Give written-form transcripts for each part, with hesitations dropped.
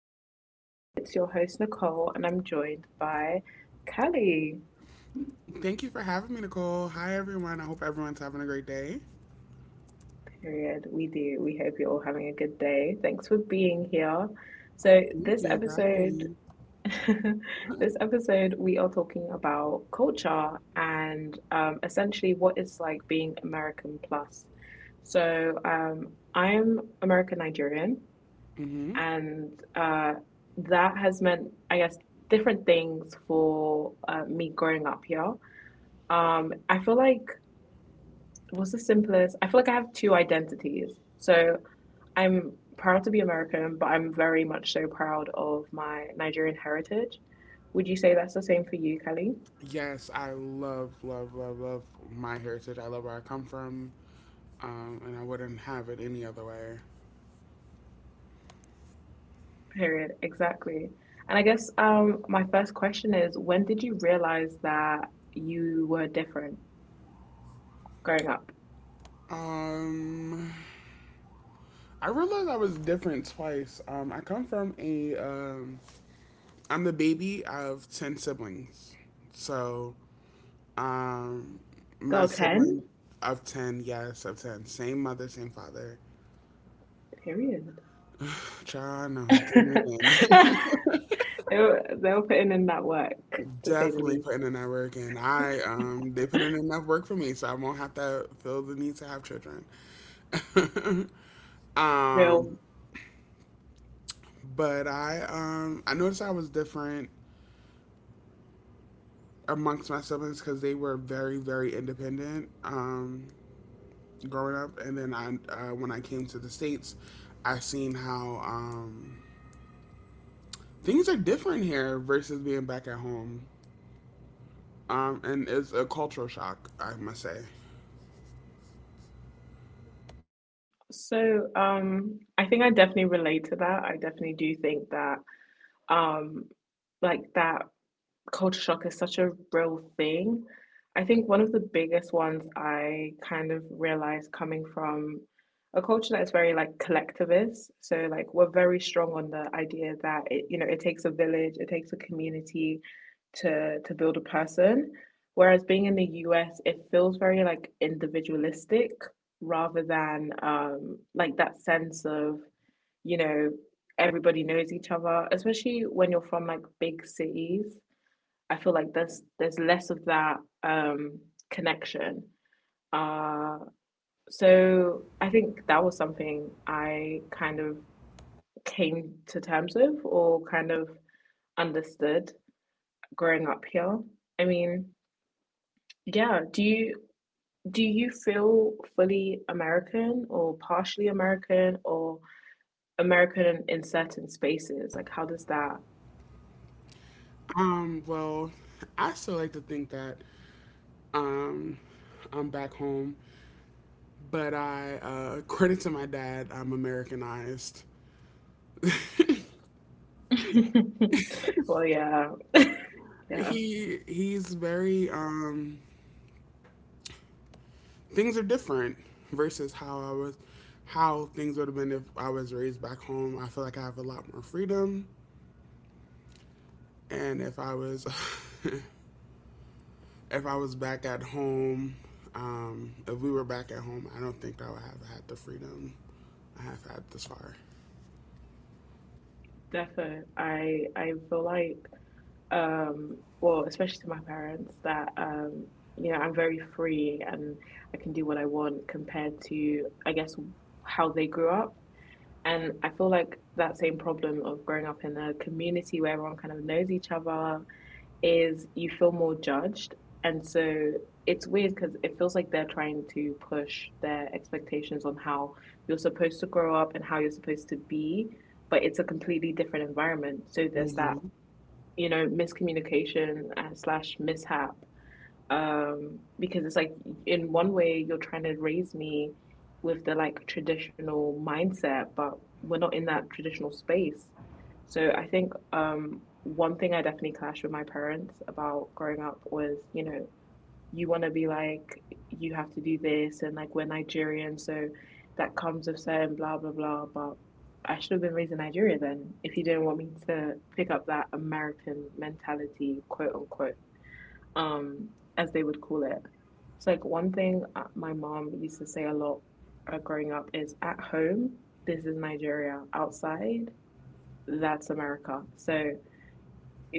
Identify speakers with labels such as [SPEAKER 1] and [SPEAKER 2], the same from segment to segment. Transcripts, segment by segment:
[SPEAKER 1] episode. It's your host Nicole, and I'm joined by Callie.
[SPEAKER 2] Thank you for having me, Nicole. Hi, everyone. I hope everyone's having a great day.
[SPEAKER 1] Period. We do. We hope you're all having a good day. Thanks for being here. So
[SPEAKER 2] Thank
[SPEAKER 1] this
[SPEAKER 2] you for
[SPEAKER 1] episode,
[SPEAKER 2] having me.
[SPEAKER 1] this episode, we are talking about culture and essentially what it's like being American plus. So I'm American Nigerian,
[SPEAKER 2] hmm.
[SPEAKER 1] and that has meant, I guess, different things for me growing up here. I feel like what's the simplest? I feel like I have two identities. So I'm proud to be American, but I'm very much so proud of my Nigerian heritage. Would you say that's the same for you, Kelly?
[SPEAKER 2] Yes, I love, love, love, love my heritage. I love where I come from, and I wouldn't have it any other way.
[SPEAKER 1] Period. Exactly. And I guess my first question is, when did you realize that you were different growing up?
[SPEAKER 2] Um, I realized I was different twice. I come from a, I'm the baby of 10 siblings. So, um, my
[SPEAKER 1] Girl, 10?
[SPEAKER 2] sibling of 10, yes, of 10, same mother, same father.
[SPEAKER 1] Period.
[SPEAKER 2] China, get moving.
[SPEAKER 1] They were putting in that work, to say the
[SPEAKER 2] Definitely
[SPEAKER 1] least.
[SPEAKER 2] putting in that work, and I they put in enough work for me, so I won't have to feel the need to have children.
[SPEAKER 1] Real.
[SPEAKER 2] um, but I I noticed I was different amongst my siblings because they were very independent growing up, and then I when I came to the states, I seen how things are different here versus being back at home. And it's a cultural shock, I must say.
[SPEAKER 1] So, I think I definitely relate to that. I definitely do think that um like that culture shock is such a real thing. I think one of the biggest ones I kind of realized, coming from a culture that is very like collectivist, so like we're very strong on the idea that, it you know it takes a village, it takes a community to build a person, whereas being in the US it feels very like individualistic rather than like that sense of, you know, everybody knows each other, especially when you're from like big cities. I feel like there's less of that um, connection. Uh, so I think that was something I kind of came to terms with, or kind of understood growing up here. I mean, yeah, do you feel fully American or partially American or American in certain spaces? Like, how does that?
[SPEAKER 2] Well, I still like to think that, um, I'm back home, but according to my dad, I'm Americanized.
[SPEAKER 1] Well, yeah, yeah,
[SPEAKER 2] He's very, things are different versus how I was, how things would have been if I was raised back home. I feel like I have a lot more freedom, and if I was, if I was back at home, if we were back at home, I don't think I would have had the freedom I have had this far.
[SPEAKER 1] definitely. I feel like, well, especially to my parents, that you know, I'm very free and I can do what I want compared to, I guess, how they grew up. And I feel like that same problem of growing up in a community where everyone kind of knows each other is you feel more judged. And so it's weird because it feels like they're trying to push their expectations on how you're supposed to grow up and how you're supposed to be, but it's a completely different environment. So there's that, you know, miscommunication slash mishap because it's like in one way you're trying to raise me with the like traditional mindset, but we're not in that traditional space. So I think one thing I definitely clashed with my parents about growing up was, you know, you want to be like, you have to do this, and like we're Nigerian so that comes with certain blah blah blah. But I should have been raised in Nigeria then, if you didn't want me to pick up that American mentality, quote unquote, um, as they would call it. It's like one thing my mom used to say a lot growing up is, at home, this is Nigeria. Outside, that's America. So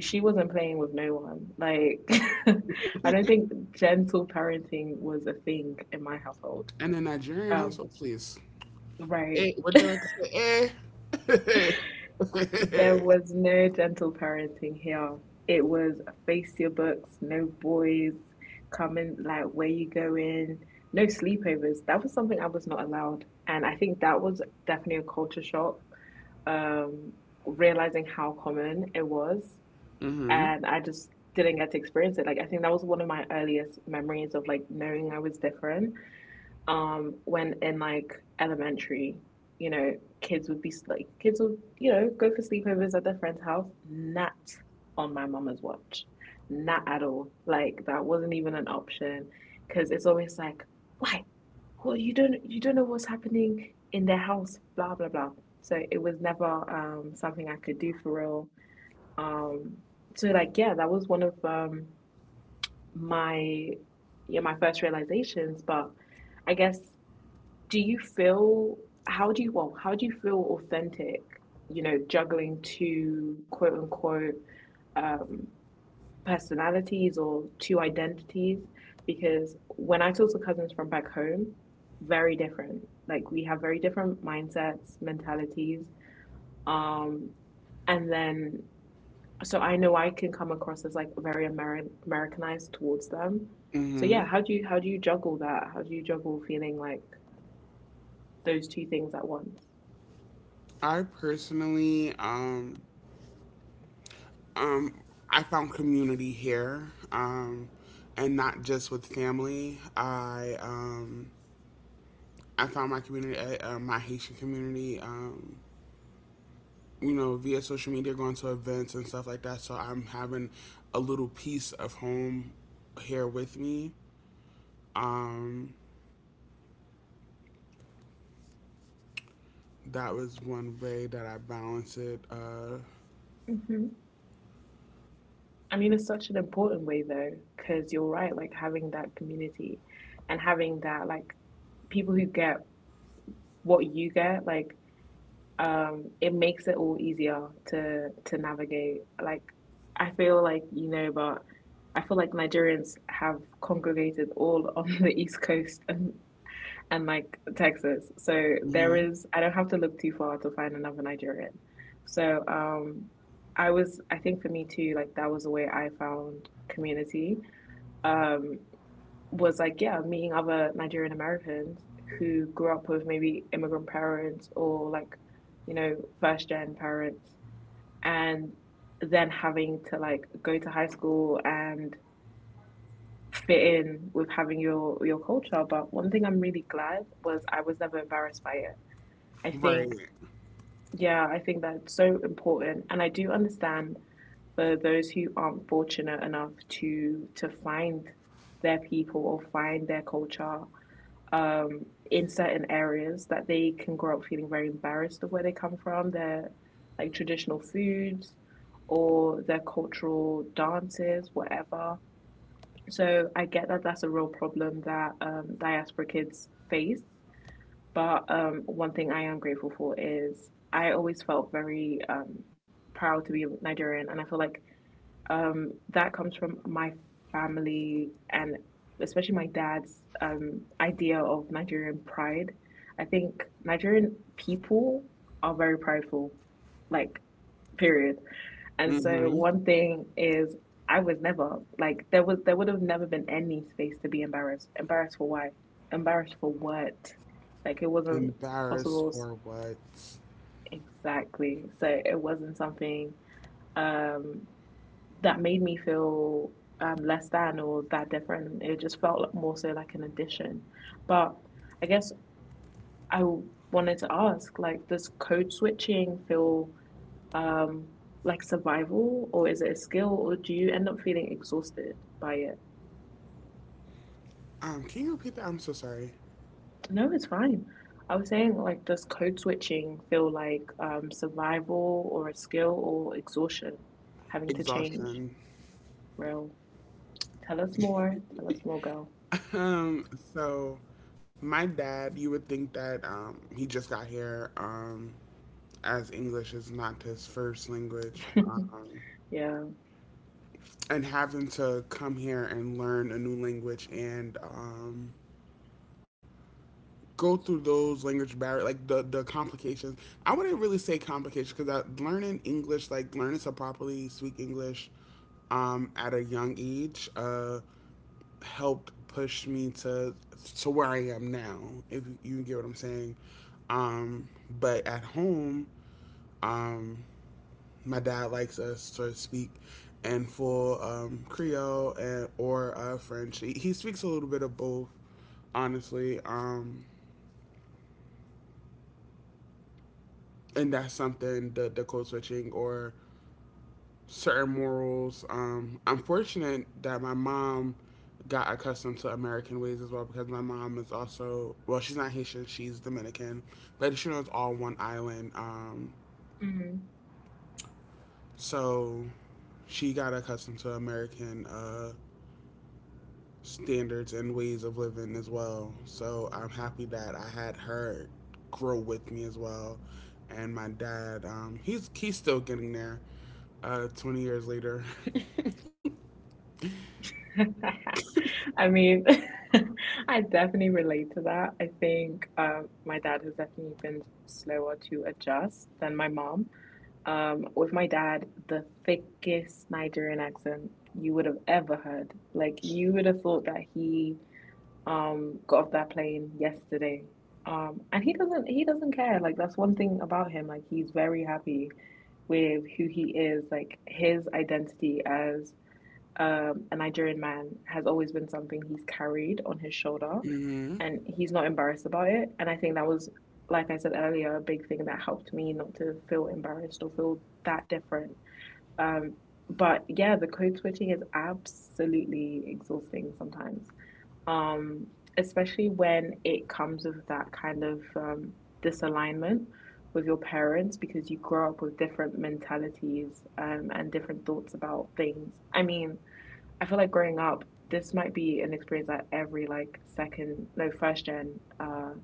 [SPEAKER 1] she wasn't playing with no one. Like, I don't think gentle parenting was a thing in my household.
[SPEAKER 2] And a Nigerian
[SPEAKER 1] Um,
[SPEAKER 2] household, please. Hey,
[SPEAKER 1] right.
[SPEAKER 2] what they like to say? Eh.
[SPEAKER 1] There was no gentle parenting here. It was face your books, no boys coming, like where you going, no sleepovers. That was something I was not allowed. And I think that was definitely a culture shock, um, realizing how common it was.
[SPEAKER 2] Mhm.
[SPEAKER 1] And I just didn't get to experience it. Like, I think that was one of my earliest memories of like knowing I was different, when in like elementary, you know, kids would be like, kids would you know go for sleepovers at their friend's house. Not on my mama's watch, not at all. Like that wasn't even an option, because it's always like, why? Well, you don't know what's happening in their house, blah blah blah. So it was never something I could do for real. um so like yeah, that was one of my yeah my first realizations. But I guess, do you feel, how do you feel authentic, you know, juggling two quote unquote um personalities or two identities? Because when I talk to cousins from back home, very different, like we have very different mindsets, mentalities, um and then, so I know I can come across as like very americanized towards them. So yeah,
[SPEAKER 2] Mhm.
[SPEAKER 1] how do you juggle that? How do you juggle feeling like those two things at once?
[SPEAKER 2] I personally, um, I found community here, and not just with family. I found my community, my Haitian community, you know, via social media, going to events and stuff like that. So I'm having a little piece of home here with me. Um, that was one way that I balanced it.
[SPEAKER 1] Hmm. I mean, it's such an important way though, because you're right, like having that community and having that, like, people who get what you get, like, it makes it all easier to navigate. Like I feel like, you know, but I feel like Nigerians have congregated all on the East Coast and like Texas. So there
[SPEAKER 2] Hmm.
[SPEAKER 1] is, I don't have to look too far to find another Nigerian. So I was, I think for me too, like that was the way I found community. Um, was like, yeah, meeting other Nigerian Americans who grew up with maybe immigrant parents or like, you know, first gen parents, and then having to like go to high school and fit in with having your culture. But one thing I'm really glad was, I was never embarrassed by it. I
[SPEAKER 2] Right.
[SPEAKER 1] think, yeah, I think that's so important, and I do understand for those who aren't fortunate enough to find their people or find their culture um, in certain areas, that they can grow up feeling very embarrassed of where they come from, their like traditional foods or their cultural dances, whatever. So I get that that's a real problem that diaspora kids face. But one thing I am grateful for is, I always felt very proud to be Nigerian, and I feel like that comes from my family and especially my dad's idea of Nigerian pride. I think Nigerian people are very prideful, like, period. And so
[SPEAKER 2] Hmm.
[SPEAKER 1] one thing is, I was never like, there was, there would have never been any space to be embarrassed. Embarrassed for why? Embarrassed for what? Like, it wasn't
[SPEAKER 2] Embarrassed
[SPEAKER 1] possible,
[SPEAKER 2] for what?
[SPEAKER 1] exactly. So it wasn't something um that made me feel less than, or that different. It just felt like more so like an addition. But I guess I wanted to ask, like, does code switching feel um, like survival, or is it a skill, or do you end up feeling exhausted by it?
[SPEAKER 2] Can you repeat that? I'm so sorry.
[SPEAKER 1] No, it's fine. I was saying, like, does code switching feel like survival, or a skill, or exhaustion, having to change?
[SPEAKER 2] Exhaustion.
[SPEAKER 1] Real. Tell us more. Tell us more, girl.
[SPEAKER 2] Um, so my dad, you would think that he just got here, as English is not his first language.
[SPEAKER 1] Yeah.
[SPEAKER 2] And having to come here and learn a new language and, go through those language barriers, like the complications. I wouldn't really say complications, because learning English, like learning to properly speak English, at a young age, helped push me to where I am now, if you get what I'm saying. um, but at home, um, my dad likes us to speak in full, Creole and, or French. He speaks a little bit of both, honestly. And that's something, the code switching or certain morals. I'm fortunate that my mom got accustomed to American ways as well, because my mom is also, well, she's not Haitian, she's Dominican, but she was all one island.
[SPEAKER 1] Mm.
[SPEAKER 2] So she got accustomed to American, standards and ways of living as well. So I'm happy that I had her grow with me as well. And my dad, he's still getting there. 20 years later.
[SPEAKER 1] I mean, I definitely relate to that. I think my dad has definitely been slower to adjust than my mom. With my dad, the thickest Nigerian accent you would have ever heard. Like, you would have thought that he got off that plane yesterday. And he doesn't care. Like, that's one thing about him. Like, he's very happy with who he is, like his identity as a Nigerian man has always been something he's carried on his shoulder,
[SPEAKER 2] Mhm.
[SPEAKER 1] and he's not embarrassed about it. And I think that was, like I said earlier, a big thing that helped me not to feel embarrassed or feel that different. Um, but yeah, the code switching is absolutely exhausting sometimes, um, especially when it comes with that kind of disalignment with your parents, because you grow up with different mentalities and different thoughts about things. I mean, I feel like growing up, this might be an experience that every like second, no, first gen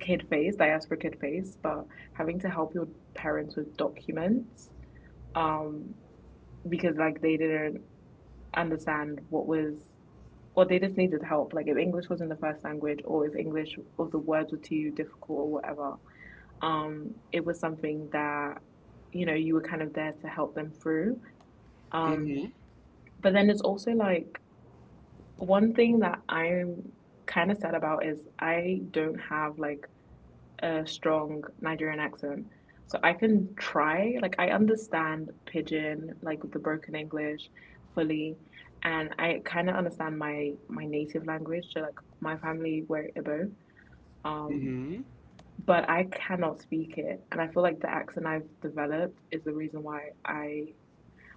[SPEAKER 1] kid face, diaspora kid face, but having to help your parents with documents um, because like they didn't understand what was, or they just needed help. Like, if English wasn't the first language, or if English or the words were too difficult or whatever, it was something that, you know, you were kind of there to help them through. Um,
[SPEAKER 2] Mhm.
[SPEAKER 1] but then it's also like, one thing that I'm kind of sad about is, I don't have like a strong Nigerian accent. So I can try, like I understand pidgin, like the broken English fully, and I kind of understand my native language, so like my family were Igbo. Um,
[SPEAKER 2] Mhm.
[SPEAKER 1] but I cannot speak it, and I feel like the accent I've developed is the reason why I,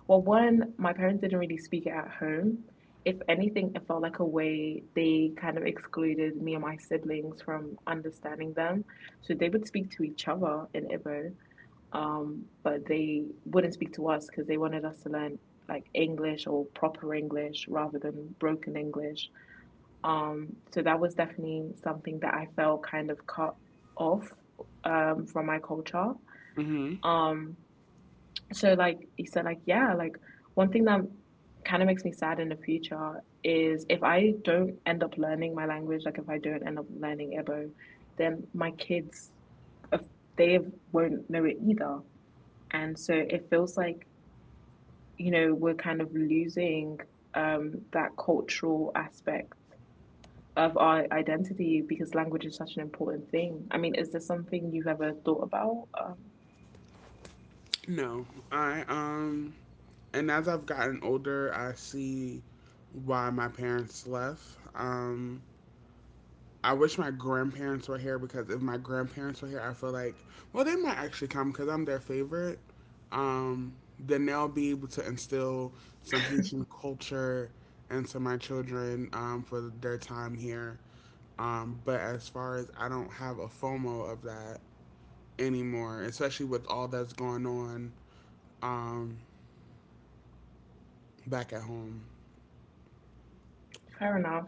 [SPEAKER 1] well, one, my parents didn't really speak it at home. If anything, it felt like a way they kind of excluded me and my siblings from understanding them. So they would speak to each other in Ibo, but they wouldn't speak to us because they wanted us to learn like English or proper English rather than broken English. So that was definitely something that I felt kind of cut off from my culture.
[SPEAKER 2] Mhm.
[SPEAKER 1] Um, like he said, one thing that kind of makes me sad in the future is if I don't end up learning my language, like if I don't end up learning Igbo, then my kids, if they won't know it either. And so it feels like we're kind of losing that cultural aspect of our identity because language is such an important thing. I mean, is there something you've ever thought about?
[SPEAKER 2] No, I and as I've gotten older, I see why my parents left. I wish my grandparents were here, because if my grandparents were here, I feel like, well, they might actually come because I'm their favorite. Then they'll be able to instill some Haitian culture into my children, for their time here. But as far as, I don't have a FOMO of that anymore, especially with all that's going on, um, back at home.
[SPEAKER 1] Fair enough.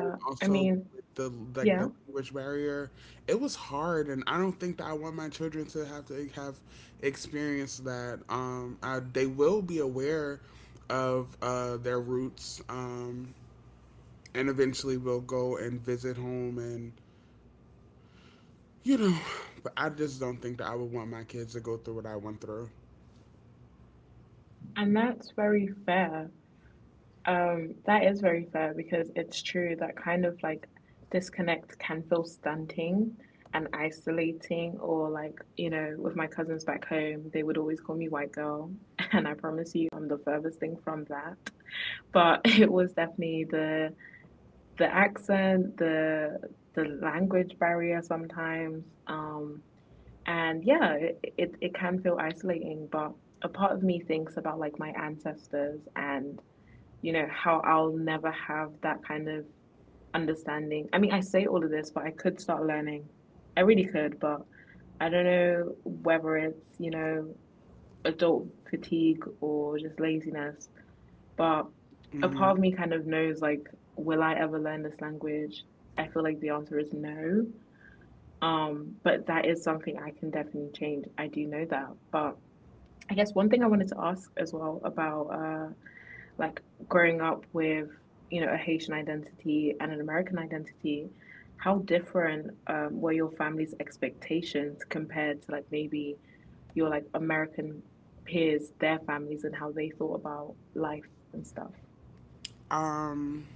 [SPEAKER 2] And
[SPEAKER 1] I
[SPEAKER 2] also
[SPEAKER 1] mean,
[SPEAKER 2] with the, like,
[SPEAKER 1] yeah.
[SPEAKER 2] the language barrier, it was hard, and I don't think that I want my children to have experience that. I, they will be aware of their roots, and eventually will go and visit home, and you know, but I just don't think that I would want my kids to go through what I went through.
[SPEAKER 1] And that's very fair. That is very fair because it's true that kind of like disconnect can feel stunting and isolating, or like, you know, with my cousins back home, they would always call me white girl. And I promise you, I'm the furthest thing from that. But it was definitely the accent, the language barrier sometimes. And yeah, it can feel isolating, but a part of me thinks about like my ancestors and you know, how I'll never have that kind of understanding. I mean, I say all of this, but I could start learning. I really could, but I don't know whether it's, you know, adult fatigue or just laziness. But a part
[SPEAKER 2] Hmm.
[SPEAKER 1] of me kind of knows, like, will I ever learn this language? I feel like the answer is no. But that is something I can definitely change. I do know that. But I guess one thing I wanted to ask as well about like growing up with you know a Haitian identity and an American identity, how different were your family's expectations compared to like maybe your like American peers, their families, and how they thought about life and stuff?
[SPEAKER 2] um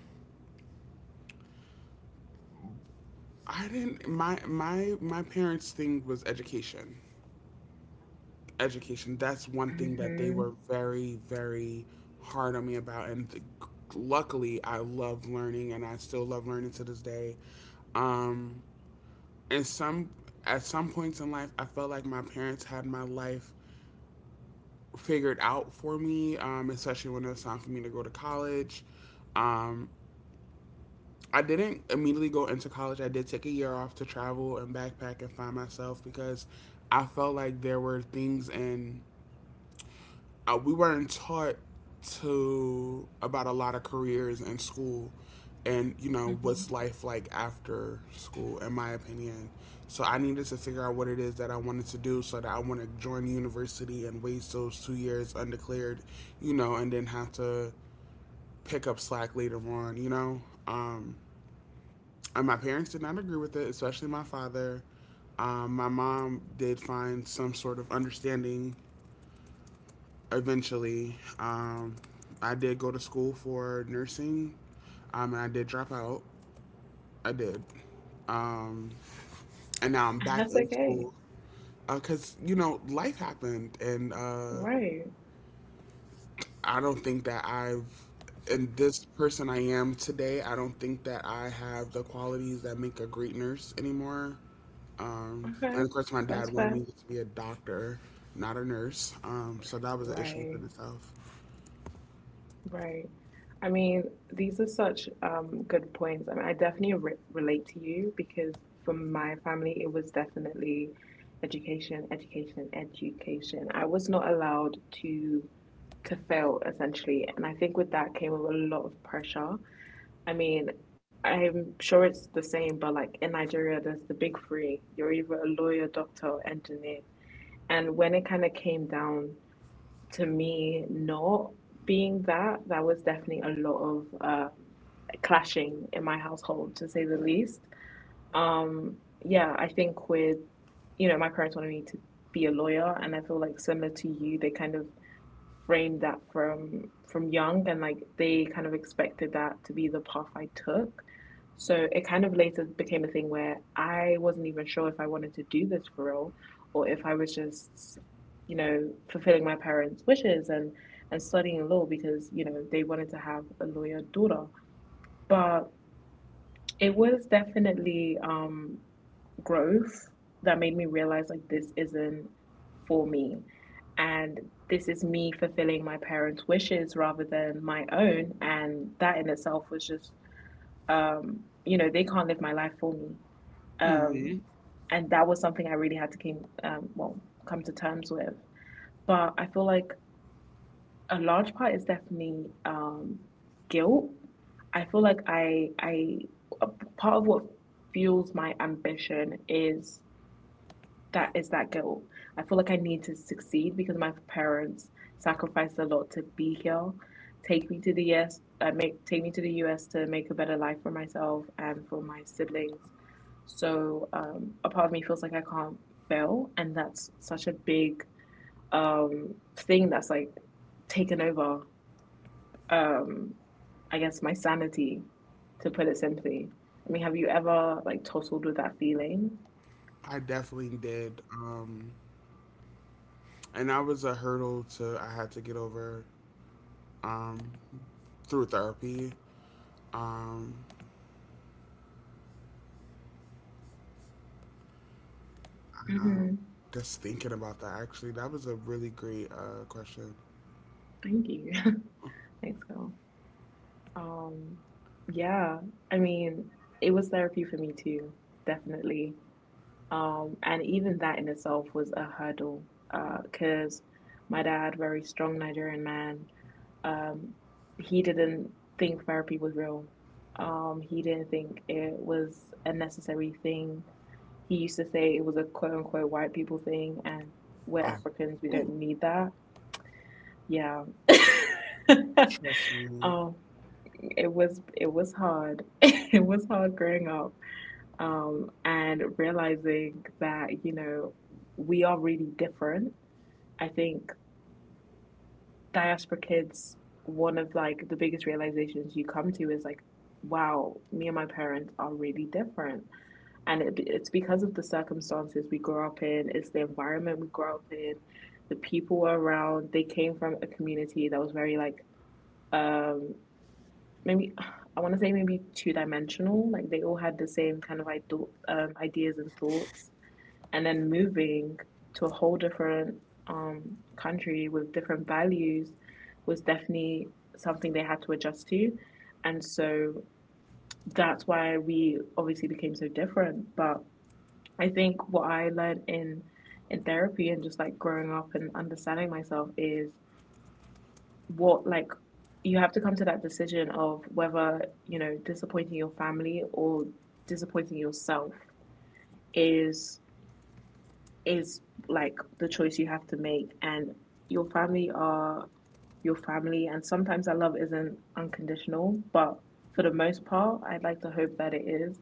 [SPEAKER 2] I didn't, my parents' thing was education, education. That's one thing that they
[SPEAKER 1] Mm-hmm.
[SPEAKER 2] were very, very hard on me about. And luckily, I love learning, and I still love learning to this day. Um, and some at some points in life, I felt like my parents had my life figured out for me, especially when it was time for me to go to college. Um, I didn't immediately go into college. I did take a year off to travel and backpack and find myself, because I felt like there were things in, we weren't taught to about a lot of careers in school, and you know, what's
[SPEAKER 1] Mm-hmm.
[SPEAKER 2] life like after school, in my opinion. So I needed to figure out what it is that I wanted to do, so that I want to join university and waste those 2 years undeclared, you know, and then have to pick up slack later on, you know. um, and my parents did not agree with it, especially my father. My mom did find some sort of understanding eventually. I did go to school for nursing. And I did drop out. I did. Um, and now I'm back
[SPEAKER 1] That's
[SPEAKER 2] in
[SPEAKER 1] okay.
[SPEAKER 2] school, because you know, life happened, and
[SPEAKER 1] Right.
[SPEAKER 2] I don't think that I've and this person I am today, I don't think that I have the qualities that make a great nurse anymore.
[SPEAKER 1] Okay.
[SPEAKER 2] And of course, my dad
[SPEAKER 1] That's
[SPEAKER 2] wanted
[SPEAKER 1] fair.
[SPEAKER 2] me to be a doctor, not a nurse. So that was an issue within
[SPEAKER 1] Right.
[SPEAKER 2] itself.
[SPEAKER 1] Right. I mean, these are such good points. I mean, I definitely re relate to you because for my family, it was definitely education, education, education. I was not allowed to to fail essentially, and I think with that came with a lot of pressure. I mean, I'm sure it's the same, but like in Nigeria, there's the big three. You're either a lawyer, doctor, or engineer. And when it kind of came down to me not being that, that was definitely a lot of clashing in my household to say the least. Um yeah i think with you know my parents wanted me to be a lawyer, and I feel like similar to you they kind of framed that from young and like they kind of expected that to be the path I took. So it kind of later became a thing where I wasn't even sure if I wanted to do this for real, or if I was just, you know, fulfilling my parents' wishes and studying law because, you know, they wanted to have a lawyer daughter. But it was definitely growth that made me realize like this isn't for me, and this is me fulfilling my parents' wishes rather than my own, and that in itself was just you know they can't live my life for me. um
[SPEAKER 2] Mhm.
[SPEAKER 1] and that was something I really had to came well come to terms with, but I feel like a large part is definitely guilt. I feel like I part of what fuels my ambition is that guilt. I feel like I need to succeed because my parents sacrificed a lot to be here, take me to the US, make take me to the US to make a better life for myself and for my siblings. So a part of me feels like I can't fail, and that's such a big thing that's like taken over. Um, I guess my sanity, to put it simply. I mean, have you ever like tussled with that feeling?
[SPEAKER 2] I definitely did. And that was a hurdle to I had to get over, um, through therapy. Um, uh,
[SPEAKER 1] Mm-hmm.
[SPEAKER 2] just thinking about that, actually, that was a really great question.
[SPEAKER 1] Thank you. Thanks, girl. Um, yeah, I mean, it was therapy for me too, definitely. And even that in itself was a hurdle, cause, my dad, very strong Nigerian man, um, he didn't think therapy was real. He didn't think it was a necessary thing. He used to say it was a quote unquote white people thing, and we're
[SPEAKER 2] Oh,
[SPEAKER 1] Africans, we don't
[SPEAKER 2] ooh,
[SPEAKER 1] need that. Yeah.
[SPEAKER 2] trust me.
[SPEAKER 1] um, it was it was hard. It was hard growing up, and realizing that you know we are really different. I think diaspora kids. One of like the biggest realizations you come to is like, wow, me and my parents are really different. And it's because of the circumstances we grow up in, it's the environment we grow up in, the people around. They came from a community that was very like um maybe I want to say maybe two dimensional, like they all had the same kind of ideas and thoughts, and then moving to a whole different country with different values was definitely something they had to adjust to. And so that's why we obviously became so different, but I think what I learned in therapy and just like growing up and understanding myself is what like you have to come to that decision of whether, you know, disappointing your family or disappointing yourself is is like the choice you have to make, and your family are your family, and sometimes that love isn't unconditional, but for the most part, I'd like to hope that it is,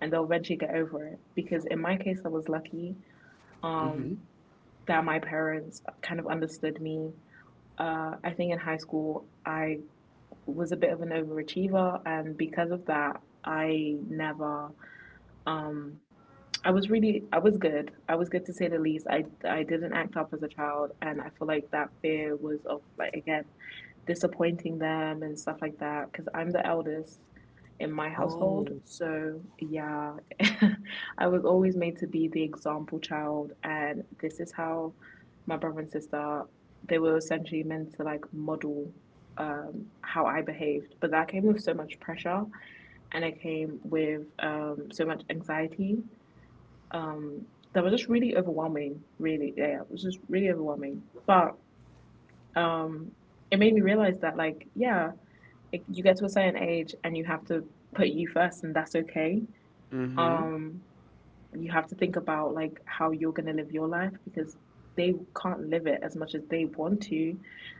[SPEAKER 1] and they'll eventually get over it, because in my case I was lucky
[SPEAKER 2] Mm-hmm.
[SPEAKER 1] um that my parents kind of understood me. I think in high school, I was a bit of an overachiever, and because of that, I never um, I was really, I was good. I was good to say the least. I didn't act up as a child, and I feel like that fear was of like again disappointing them and stuff like that because I'm the eldest in my household.
[SPEAKER 2] Oh,
[SPEAKER 1] So yeah, I was always made to be the example child, and this is how my brother and sister, they were essentially meant to like model how I behaved, but that came with so much pressure, and it came with so much anxiety. Um that was just really overwhelming, really. Yeah, it was just really overwhelming, but um it made me realize that like yeah, it, you get to a certain age and you have to put you first, and that's okay.
[SPEAKER 2] mm-hmm.
[SPEAKER 1] um you have to think about like how you're going to live your life, because they can't live it as much as they want to,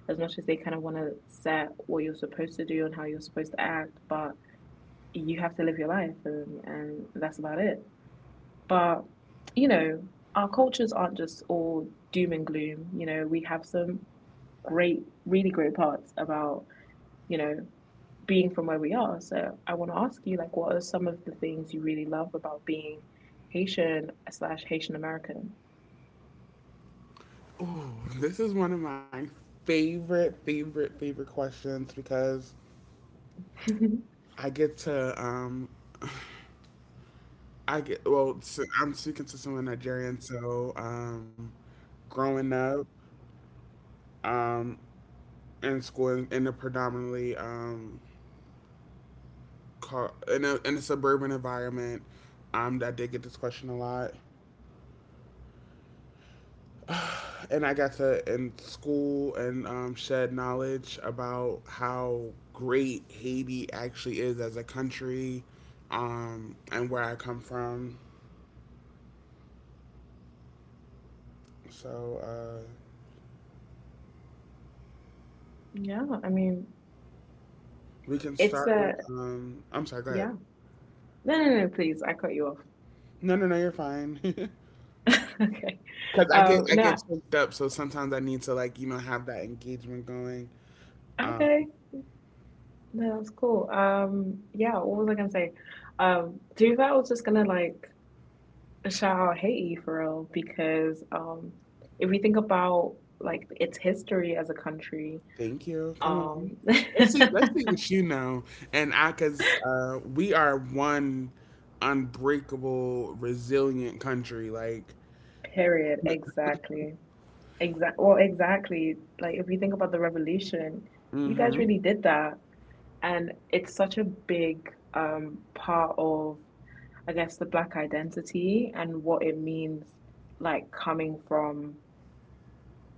[SPEAKER 1] as much as they kind of want to set what you're supposed to do and how you're supposed to act, but you have to live your life, and that's about it. But, you know, our cultures aren't just all doom and gloom. You know, we have some great, really great parts about, you know, being from where we are. So I want to ask you, like, what are some of the things you really love about being Haitian slash Haitian American?
[SPEAKER 2] Ooh, this is one of my favorite, favorite, favorite questions, because I get to, I get, well. So I'm speaking to someone Nigerian, so, growing up, um, in school in, a predominantly, in a suburban environment. I did get this question a lot, and I got to in school and, shed knowledge about how great Haiti actually is as a country, and where I come from. So
[SPEAKER 1] Yeah, I mean,
[SPEAKER 2] we can
[SPEAKER 1] it's
[SPEAKER 2] start with.
[SPEAKER 1] a,
[SPEAKER 2] I'm sorry. Go ahead.
[SPEAKER 1] yeah. No, no, no, please, I cut you off.
[SPEAKER 2] No, no, no. You're fine.
[SPEAKER 1] Okay.
[SPEAKER 2] Because I get, I
[SPEAKER 1] No,
[SPEAKER 2] get choked up, so sometimes I need to, like, you know, have that engagement going. Um,
[SPEAKER 1] okay. No, that's cool. Yeah, what was I gonna say? Do that I was just gonna like Child, Haiti for real, because if we think about like its history as a country,
[SPEAKER 2] Thank you. Come on.
[SPEAKER 1] um,
[SPEAKER 2] Let's see. Let's see what you know. And I, cause we are one unbreakable, resilient country. Like,
[SPEAKER 1] period, exactly, exactly, well, exactly. Like if we think about the revolution, you guys
[SPEAKER 2] mm-hmm.
[SPEAKER 1] really did that, and it's such a big part of, I guess, the black identity and what it means, like coming from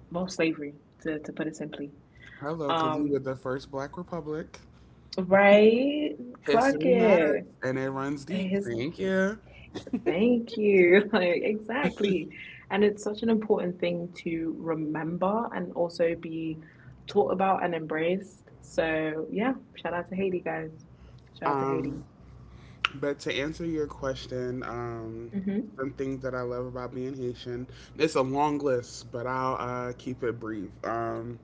[SPEAKER 1] well, slavery, to put it simply.
[SPEAKER 2] Hello, cause we were
[SPEAKER 1] Um,
[SPEAKER 2] the first Black Republic.
[SPEAKER 1] right, clock
[SPEAKER 2] History matters,
[SPEAKER 1] it.
[SPEAKER 2] and it runs deep.
[SPEAKER 1] Yes,
[SPEAKER 2] Thank you.
[SPEAKER 1] thank you. Like, exactly. And it's such an important thing to remember and also be taught about and embraced. So, yeah, shout out to Haiti, guys. Shout out to Haiti.
[SPEAKER 2] Um, but to answer your question,
[SPEAKER 1] Hmm.
[SPEAKER 2] some things that I love about being Haitian. It's a long list, but I'll, keep it brief.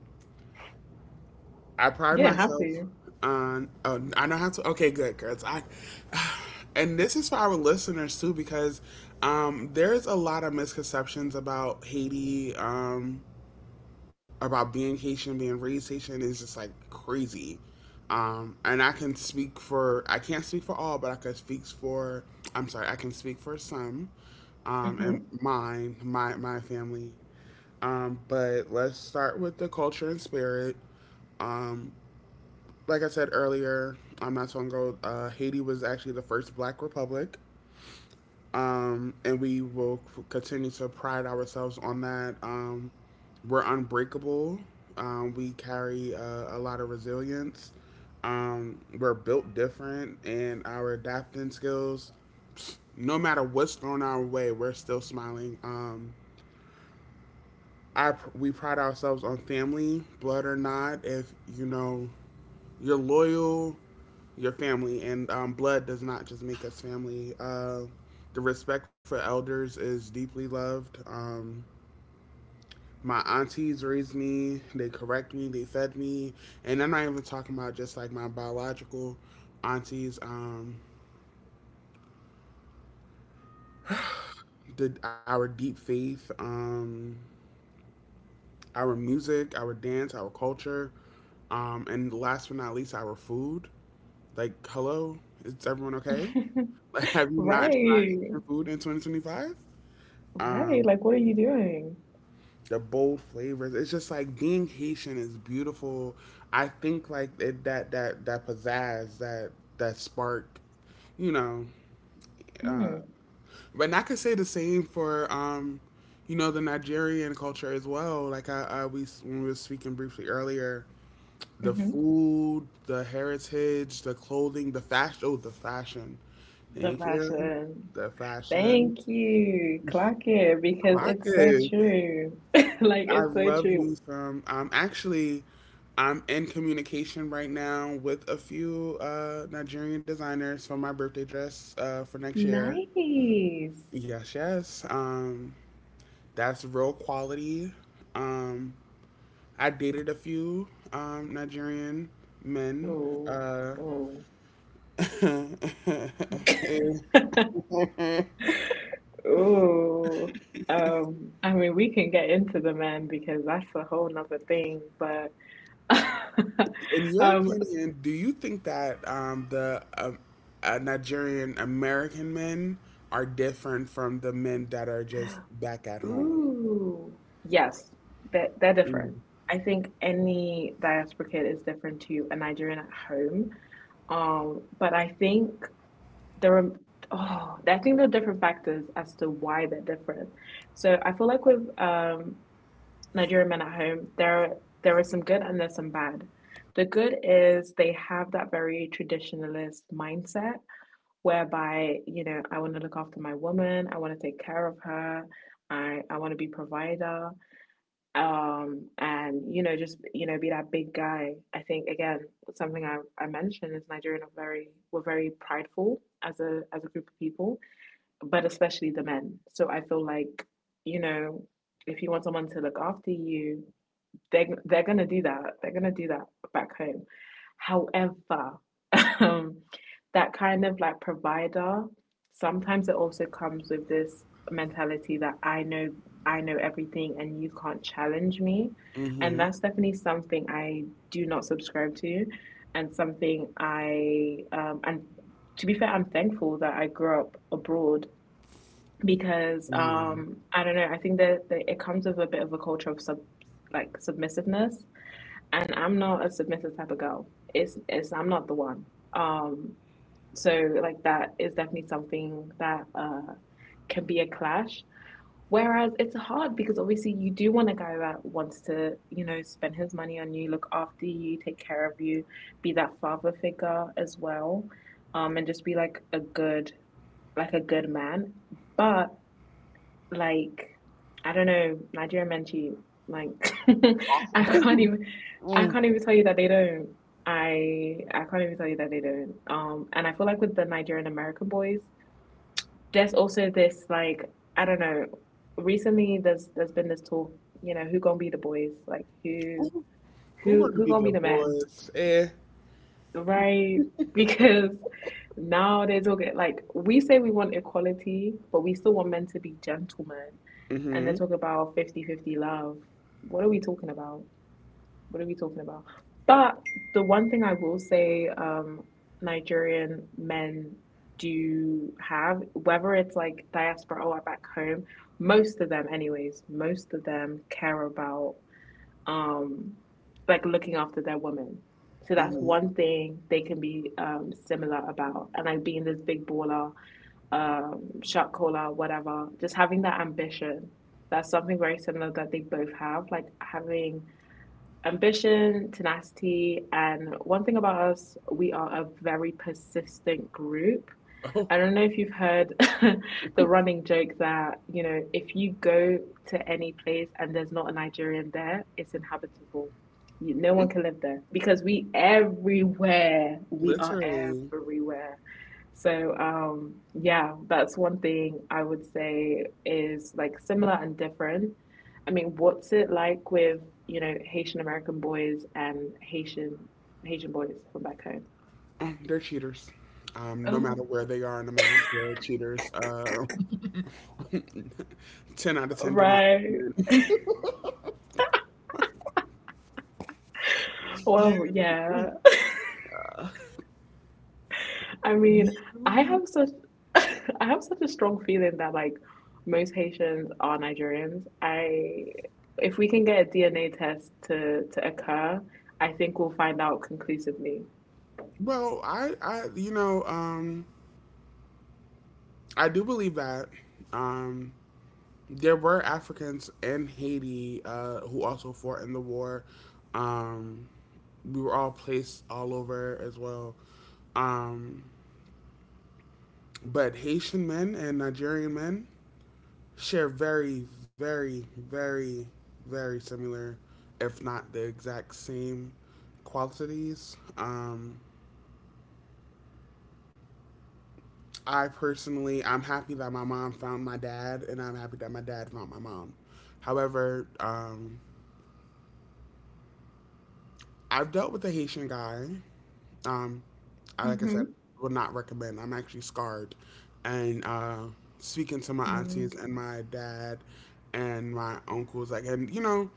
[SPEAKER 2] I pride
[SPEAKER 1] Yeah, have
[SPEAKER 2] myself
[SPEAKER 1] to.
[SPEAKER 2] on. Oh, I know how to. Okay, good, girls. I, and this is for our listeners too, because, there's a lot of misconceptions about Haiti, about being Haitian, being raised Haitian is just like crazy. And I can speak for, I can't speak for all, but I can speak for, I'm sorry, I can speak for some.
[SPEAKER 1] Hmm.
[SPEAKER 2] And mine, my family. But let's start with the culture and spirit. Um, like I said earlier, on not so long ago, Haiti was actually the first Black republic, and we will continue to pride ourselves on that. We're unbreakable. We carry, a lot of resilience. We're built different, and our adapting skills, no matter what's thrown our way, we're still smiling. I We pride ourselves on family, blood or not. If you know you're loyal, your family, and, blood does not just make us family. The respect for elders is deeply loved. My aunties raised me, they correct me, they fed me, and I'm not even talking about just like my biological aunties. Our deep faith. Our music, our dance, our culture, and last but not least, our food. Like, hello, is everyone okay? Like, have you not tried
[SPEAKER 1] Right.
[SPEAKER 2] Haitian food in 2025?
[SPEAKER 1] Right.
[SPEAKER 2] Um,
[SPEAKER 1] Like, what are you doing?
[SPEAKER 2] the bold flavors. It's just like being Haitian is beautiful. I think like it, that pizzazz, that spark, you know. Uh,
[SPEAKER 1] Mm,
[SPEAKER 2] but I could say the same for, you know, the Nigerian culture as well. Like I we when we were speaking briefly earlier, the
[SPEAKER 1] hmm.
[SPEAKER 2] food, the heritage, the clothing, the fashion. Oh, the fashion.
[SPEAKER 1] The
[SPEAKER 2] Thank you.
[SPEAKER 1] fashion.
[SPEAKER 2] The fashion.
[SPEAKER 1] Thank you. Clock it because it's so
[SPEAKER 2] Pockets.
[SPEAKER 1] true. Like,
[SPEAKER 2] I
[SPEAKER 1] it's so
[SPEAKER 2] love
[SPEAKER 1] true.
[SPEAKER 2] me some. Actually, I'm in communication right now with a few, Nigerian designers for my birthday dress, for next year.
[SPEAKER 1] Nice.
[SPEAKER 2] Yes, yes. That's real quality. Um, I dated a few, Nigerian men.
[SPEAKER 1] Oh,
[SPEAKER 2] Uh,
[SPEAKER 1] oh,
[SPEAKER 2] And
[SPEAKER 1] oh. I mean, we can get into the men because that's a whole nother thing, but
[SPEAKER 2] in your
[SPEAKER 1] um,
[SPEAKER 2] opinion, do you think that the Nigerian American men are different from the men that are just back at home?
[SPEAKER 1] ooh, yes, they're
[SPEAKER 2] Mm.
[SPEAKER 1] different. I think any diaspora kid is different to a Nigerian at home. But I think there are, oh, I think there are different factors as to why they're different. So I feel like with Nigerian men at home, there is some good and there's some bad. The good is they have that very traditionalist mindset whereby, you know, I want to look after my woman, I want to take care of her, I want to be provider, and, you know, just, you know, be that big guy. I think, again, something I mentioned is Nigerian are very, we're very prideful as a group of people, but especially the men. So I feel like, you know, if you want someone to look after you, they're gonna do that. They're gonna do that back home. However, um, that kind of like provider, sometimes it also comes with this mentality that I know everything and you can't challenge me. And
[SPEAKER 2] Mm-hmm.
[SPEAKER 1] that's definitely something I do not subscribe to and something I and to be fair, I'm thankful that I grew up abroad because
[SPEAKER 2] Mm-hmm.
[SPEAKER 1] I don't know, I think that it comes with a bit of a culture of sub like submissiveness and I'm not a submissive type of girl. It's I'm not the one. Um, so like that is definitely something that can be a clash. Whereas it's hard because obviously you do want a guy that wants to, you know, spend his money on you, look after you, take care of you, be that father figure as well, and just be like a good man. But like I don't know, Nigerian men cheat. Like I can't
[SPEAKER 2] Awful.
[SPEAKER 1] even I
[SPEAKER 2] Mm.
[SPEAKER 1] can't even tell you that they don't. I can't even tell you that they don't. And I feel like with the Nigerian American boys, there's also this like I don't know, recently there's been this talk, you know, who gonna be the boys? Like who
[SPEAKER 2] Who, who
[SPEAKER 1] who
[SPEAKER 2] gonna
[SPEAKER 1] who
[SPEAKER 2] be
[SPEAKER 1] gonna
[SPEAKER 2] the
[SPEAKER 1] be the men?
[SPEAKER 2] boys? Eh.
[SPEAKER 1] Right? Because now they're talking like we say we want equality, but we still want men to be gentlemen. And
[SPEAKER 2] Mm-hmm.
[SPEAKER 1] they're talking about 50-50 love. What are we talking about? What are we talking about? But the one thing I will say, Nigerian men do have, whether it's like diaspora or back home, most of them, anyways, most of them care about um, like looking after their woman. So that's
[SPEAKER 2] Mm-hmm.
[SPEAKER 1] one thing they can be similar about. And like being this big baller, shot caller, whatever, just having that ambition. That's something very similar that they both have, like having ambition, tenacity. And one thing about us, we are a very persistent group.
[SPEAKER 2] Oh,
[SPEAKER 1] I don't know if you've heard the running joke that, you know, if you go to any place and there's not a Nigerian there, it's inhabitable. You, no one
[SPEAKER 2] mm,
[SPEAKER 1] can live there because we everywhere. We are
[SPEAKER 2] literally.
[SPEAKER 1] everywhere. So, yeah, that's one thing I would say is like similar and different. I mean, what's it like with, you know, Haitian American boys and Haitian Haitian boys from back home?
[SPEAKER 2] Mm, they're cheaters. No
[SPEAKER 1] Oh,
[SPEAKER 2] matter where they are on the map, they're cheaters. 10 out of 10 do not
[SPEAKER 1] right.
[SPEAKER 2] recommend. you,
[SPEAKER 1] Well, yeah.
[SPEAKER 2] uh,
[SPEAKER 1] I
[SPEAKER 2] you,
[SPEAKER 1] mean, I have such I have such a strong feeling that like most Haitians are Nigerians. I if we can get a DNA test to occur, I think we'll find out conclusively.
[SPEAKER 2] well, I do believe that um, there were Africans in Haiti who also fought in the war. Um, we were all placed all over as well. Um, but Haitian men and Nigerian men share very, very, very, very similar, if not the exact same, qualities. I personally, I'm happy that my mom found my dad, and I'm happy that my dad found my mom. However, I've dealt with a Haitian guy. Um, I, like I said,
[SPEAKER 1] Hmm.
[SPEAKER 2] would not recommend. I'm actually scarred. And speaking to my aunties
[SPEAKER 1] Mm,
[SPEAKER 2] and my dad and my uncles, like, and you know,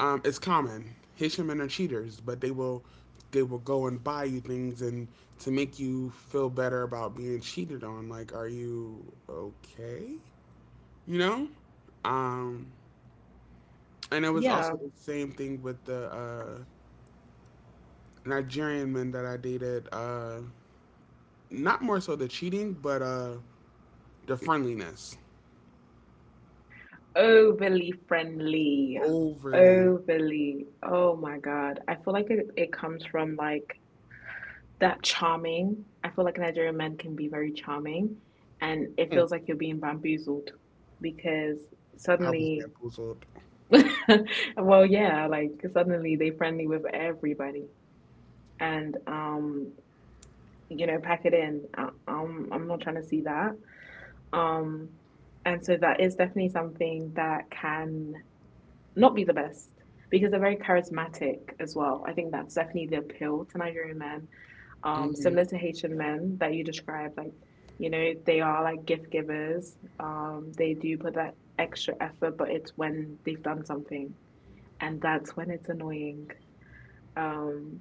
[SPEAKER 2] um, it's common. Haitian men are cheaters, but they will go and buy you things and to make you feel better about being cheated on. Like, are you okay? You know, um, and it was
[SPEAKER 1] yeah.
[SPEAKER 2] also the same thing with the Nigerian men that I dated. Not more so the cheating, but the friendliness.
[SPEAKER 1] Overly friendly.
[SPEAKER 2] Overly.
[SPEAKER 1] Overly. Oh my God. I feel like it comes from like that charming. I feel like Nigerian men can be very charming, and it
[SPEAKER 2] Mm,
[SPEAKER 1] feels like you're being bamboozled because
[SPEAKER 2] I was
[SPEAKER 1] suddenly,
[SPEAKER 2] bamboozled.
[SPEAKER 1] well, yeah, like suddenly they friendly with everybody, and you know, pack it in. I'm not trying to see that. Um, and so that is definitely something that can not be the best because they're very charismatic as well. I think that's definitely the appeal to Nigerian men similar
[SPEAKER 2] Hmm.
[SPEAKER 1] to Haitian men that you described, like, you know, they are like gift givers. They do put that extra effort, but it's when they've done something, and that's when it's annoying. Um,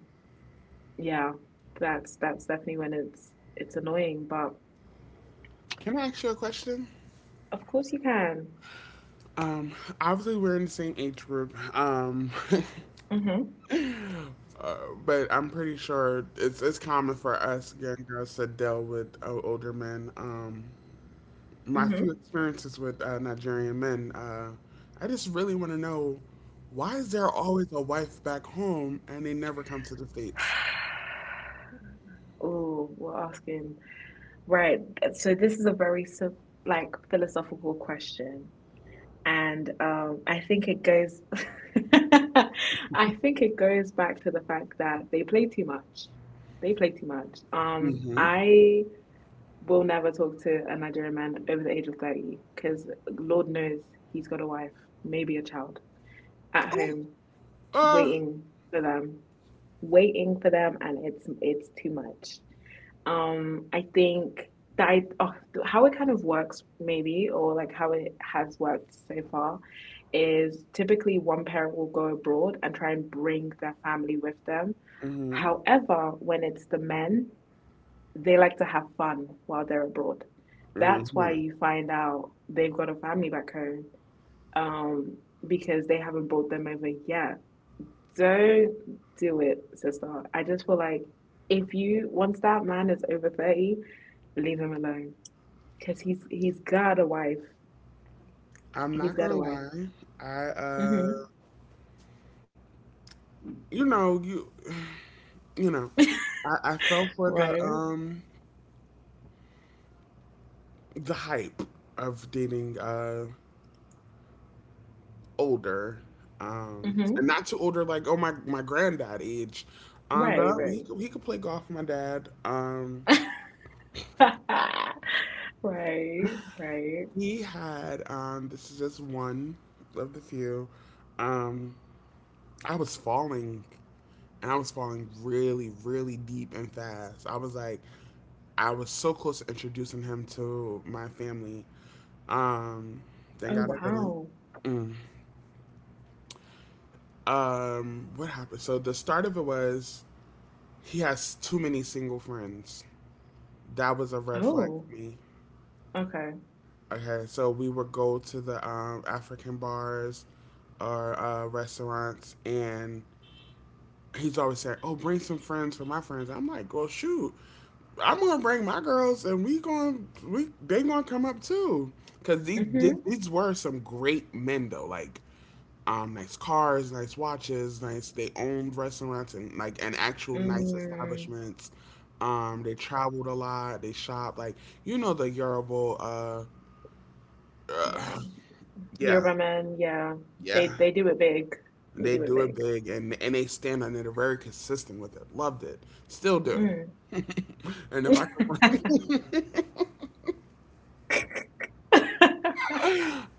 [SPEAKER 1] yeah, that's definitely when it's annoying. But
[SPEAKER 2] Can I ask you a question?
[SPEAKER 1] of course you can.
[SPEAKER 2] Um, obviously we're in the same age group.
[SPEAKER 1] Mhm.
[SPEAKER 2] Uh, but I'm pretty sure it's common for us young girls to deal with older men. My few
[SPEAKER 1] Mhm.
[SPEAKER 2] experiences with Nigerian men, I just really want to know, why is there always a wife back home and they never come to the States?
[SPEAKER 1] Oh, we're asking right. So this is a like philosophical question. And I think it goes, I think it goes back to the fact that they play too much. They play too much.
[SPEAKER 2] Hmm.
[SPEAKER 1] I will never talk to a Nigerian man over the age of 30 because Lord knows he's got a wife, maybe a child at
[SPEAKER 2] Oh.
[SPEAKER 1] home
[SPEAKER 2] Uh,
[SPEAKER 1] waiting for them, waiting for them, and it's too much. I think that how it kind of works maybe, or like how it has worked so far, is typically one parent will go abroad and try and bring their family with them.
[SPEAKER 2] hmm,
[SPEAKER 1] However, when it's the men, they like to have fun while they're abroad. That's why
[SPEAKER 2] hmm.
[SPEAKER 1] you find out they've got a family back home um, because they haven't brought them over yet. Don't do it, sister. I just feel like if you once that man is over 30, leave him alone. Cause he's got a wife.
[SPEAKER 2] I'm
[SPEAKER 1] He's
[SPEAKER 2] not
[SPEAKER 1] got a
[SPEAKER 2] gonna
[SPEAKER 1] wife.
[SPEAKER 2] lie. I
[SPEAKER 1] Mm-hmm.
[SPEAKER 2] you know, you you know, I fell for
[SPEAKER 1] Right.
[SPEAKER 2] the hype of dating older, um,
[SPEAKER 1] Mm-hmm.
[SPEAKER 2] and not too older, like, oh, my granddad age, but
[SPEAKER 1] Right, right.
[SPEAKER 2] he could play golf. My dad,
[SPEAKER 1] Right, right.
[SPEAKER 2] he had this is just one of the few, um, I was falling, and I was falling really, really deep and fast. I was like, I was so close to introducing him to my family. Um, thank
[SPEAKER 1] Oh
[SPEAKER 2] God I didn't.
[SPEAKER 1] wow.
[SPEAKER 2] Mm. What happened? So the start of it was, he has too many single friends. That was a red flag
[SPEAKER 1] Oh,
[SPEAKER 2] for me.
[SPEAKER 1] okay.
[SPEAKER 2] Okay, so we would go to the African bars or restaurants, and he's always saying, "Oh, bring some friends for my friends." I'm like, "Well, shoot." I'm gonna bring my girls, and we going we they gonna come up too, cause
[SPEAKER 1] Mm-hmm.
[SPEAKER 2] these were some great men, though, like, nice cars, nice watches, nice they owned restaurants and actual nice
[SPEAKER 1] Mm,
[SPEAKER 2] establishments. They traveled a lot, they shopped, like, you know, the Yoruba. Uh
[SPEAKER 1] yeah.
[SPEAKER 2] yeah,
[SPEAKER 1] Yoruba men, yeah.
[SPEAKER 2] yeah.
[SPEAKER 1] They do it big. They
[SPEAKER 2] They
[SPEAKER 1] do it
[SPEAKER 2] do it
[SPEAKER 1] big.
[SPEAKER 2] big, and they stand on it. They're very consistent with it. Loved it, still do.
[SPEAKER 1] Mm.
[SPEAKER 2] And if I could.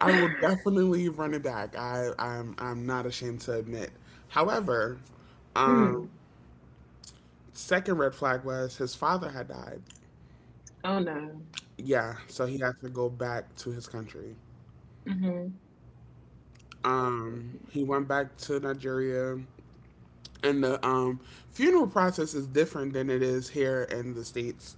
[SPEAKER 2] I will definitely run it back. I'm not ashamed to admit. However, um,
[SPEAKER 1] Mm.
[SPEAKER 2] second red flag was, his father had died.
[SPEAKER 1] Oh no.
[SPEAKER 2] Yeah, so he had to go back to his country.
[SPEAKER 1] Mm-hmm.
[SPEAKER 2] He went back to Nigeria, and the funeral process is different than it is here in the States.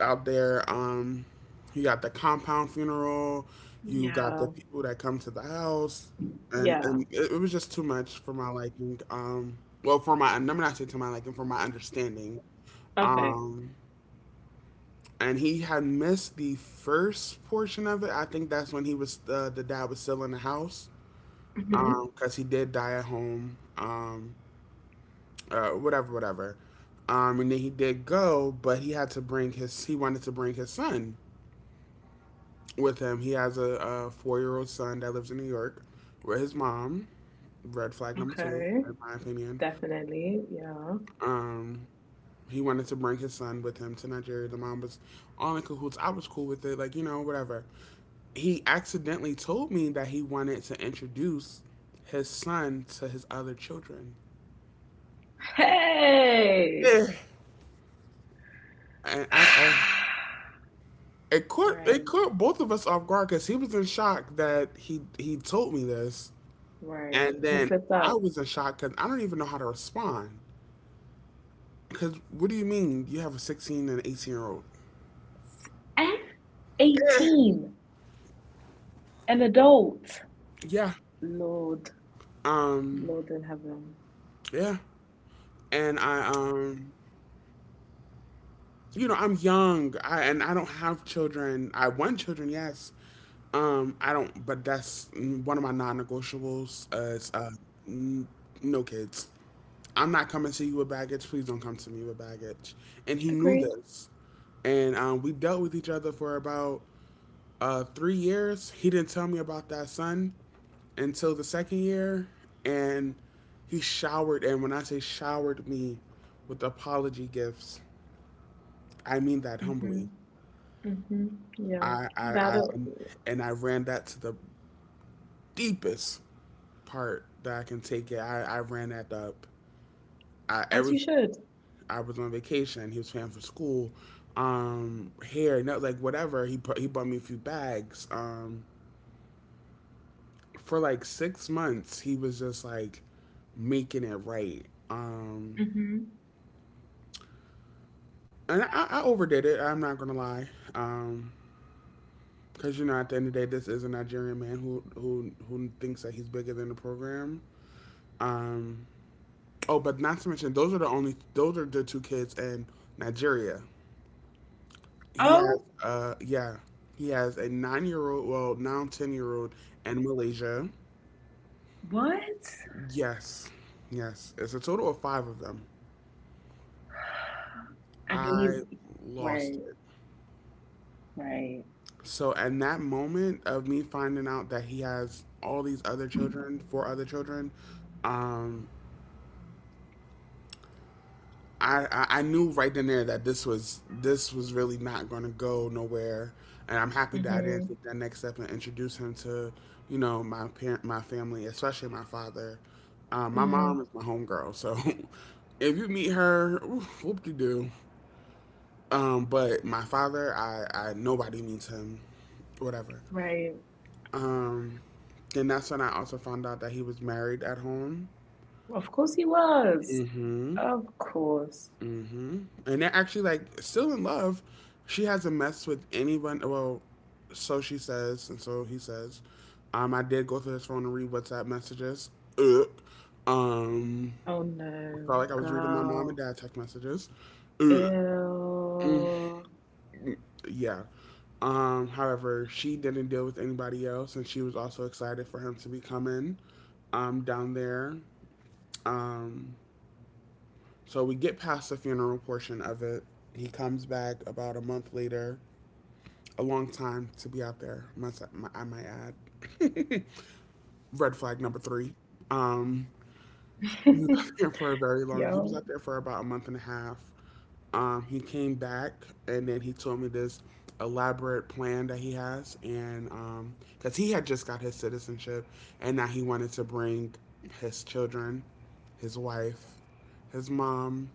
[SPEAKER 2] Out there. You got the compound funeral. You got the
[SPEAKER 1] Yeah.
[SPEAKER 2] people that come to the house, and
[SPEAKER 1] Yeah.
[SPEAKER 2] it was just too much for my liking. Well, for my let me not say to my liking, for my understanding.
[SPEAKER 1] Okay.
[SPEAKER 2] Um, and he had missed the first portion of it. I think that's when he was the dad was still in the house. Um,
[SPEAKER 1] Mm-hmm.
[SPEAKER 2] because he did die at home. Whatever, whatever. And then he did go, but he had to bring his. He wanted to bring his son with him. He has a 4-year old son that lives in New York with his mom. Red flag number two,
[SPEAKER 1] Okay.
[SPEAKER 2] in my opinion.
[SPEAKER 1] Definitely. Yeah.
[SPEAKER 2] Um, he wanted to bring his son with him to Nigeria. The mom was all in cahoots. I was cool with it, like, whatever. He accidentally told me that he wanted to introduce his son to his other children.
[SPEAKER 1] Hey.
[SPEAKER 2] Yeah. And I it caught it
[SPEAKER 1] Right.
[SPEAKER 2] caught both of us off guard because he was in shock that he told me this,
[SPEAKER 1] Right.
[SPEAKER 2] and
[SPEAKER 1] He
[SPEAKER 2] then
[SPEAKER 1] slipped
[SPEAKER 2] I
[SPEAKER 1] out.
[SPEAKER 2] was in shock because I don't even know how to respond. Because what do you mean you have a 16 and 18-year-old?
[SPEAKER 1] At
[SPEAKER 2] Yeah,
[SPEAKER 1] 18, an adult.
[SPEAKER 2] yeah.
[SPEAKER 1] Lord.
[SPEAKER 2] Um.
[SPEAKER 1] Lord in heaven.
[SPEAKER 2] Yeah. And I. You know I'm young. I don't have children. I want children, yes. I don't. But that's one of my non-negotiables. Is, n- no kids. I'm not coming to you with baggage. Please don't come to me with baggage. And he knew
[SPEAKER 1] Agreed.
[SPEAKER 2] this. And we dealt with each other for about 3 years, he didn't tell me about that son until the second year, and he showered. And when I say showered me with apology gifts, I mean that
[SPEAKER 1] Mm-hmm.
[SPEAKER 2] humbly.
[SPEAKER 1] Mm-hmm. Yeah.
[SPEAKER 2] I, I, I
[SPEAKER 1] That'll,
[SPEAKER 2] I ran that to the deepest part that I can take it. I ran that up. I
[SPEAKER 1] as
[SPEAKER 2] every
[SPEAKER 1] you should.
[SPEAKER 2] I was on vacation. He was paying for school, hair, not, like, whatever. He bought me a few bags. For like 6 months he was just like making it right.
[SPEAKER 1] Mm-hmm.
[SPEAKER 2] And I overdid it. I'm not gonna lie, um because, at the end of the day, this is a Nigerian man who thinks that he's bigger than the program. um oh, but not to mention, those are the two kids in Nigeria. he has
[SPEAKER 1] Oh,
[SPEAKER 2] uh yeah he has a 9-year-old, well, now 10-year-old in Malaysia.
[SPEAKER 1] what?
[SPEAKER 2] Yes, yes, it's a total of five of them.
[SPEAKER 1] And he,
[SPEAKER 2] I lost
[SPEAKER 1] right,
[SPEAKER 2] it.
[SPEAKER 1] right.
[SPEAKER 2] So, in that moment of me finding out that he has all these other children, four other children, um, I knew right then and there that this was really not going to go nowhere, and I'm happy that I didn't
[SPEAKER 1] Mm-hmm.
[SPEAKER 2] take that next step and introduce him to, my family, especially my father. My mom
[SPEAKER 1] Mm-hmm.
[SPEAKER 2] is my homegirl, so if you meet her, whoop de doo. But my father, I nobody meets him, whatever.
[SPEAKER 1] Right.
[SPEAKER 2] Um, then that's when I also found out that he was married at home.
[SPEAKER 1] Of course he was.
[SPEAKER 2] Mm-hmm.
[SPEAKER 1] Of course.
[SPEAKER 2] Mm-hmm. And they're actually, like, still in love. She hasn't messed with anyone. Well, so she says, and so he says. I did go through his phone and read WhatsApp messages. Ugh. Um,
[SPEAKER 1] Oh no,
[SPEAKER 2] felt like I was reading my mom and
[SPEAKER 1] girl.
[SPEAKER 2] dad text messages. Ugh.
[SPEAKER 1] Ew.
[SPEAKER 2] Yeah. However, she didn't deal with anybody else, and she was also excited for him to be coming, down there. Um, So we get past the funeral portion of it. He comes back about a month later. A long time to be out there, I might add. Red flag number three. Um, he was out there for a very long. He was
[SPEAKER 1] Yo.
[SPEAKER 2] out there for about a month and a half. He came back, and then he told me this elaborate plan that he has, and because he had just got his citizenship, and now he wanted to bring his children, his wife, his mom.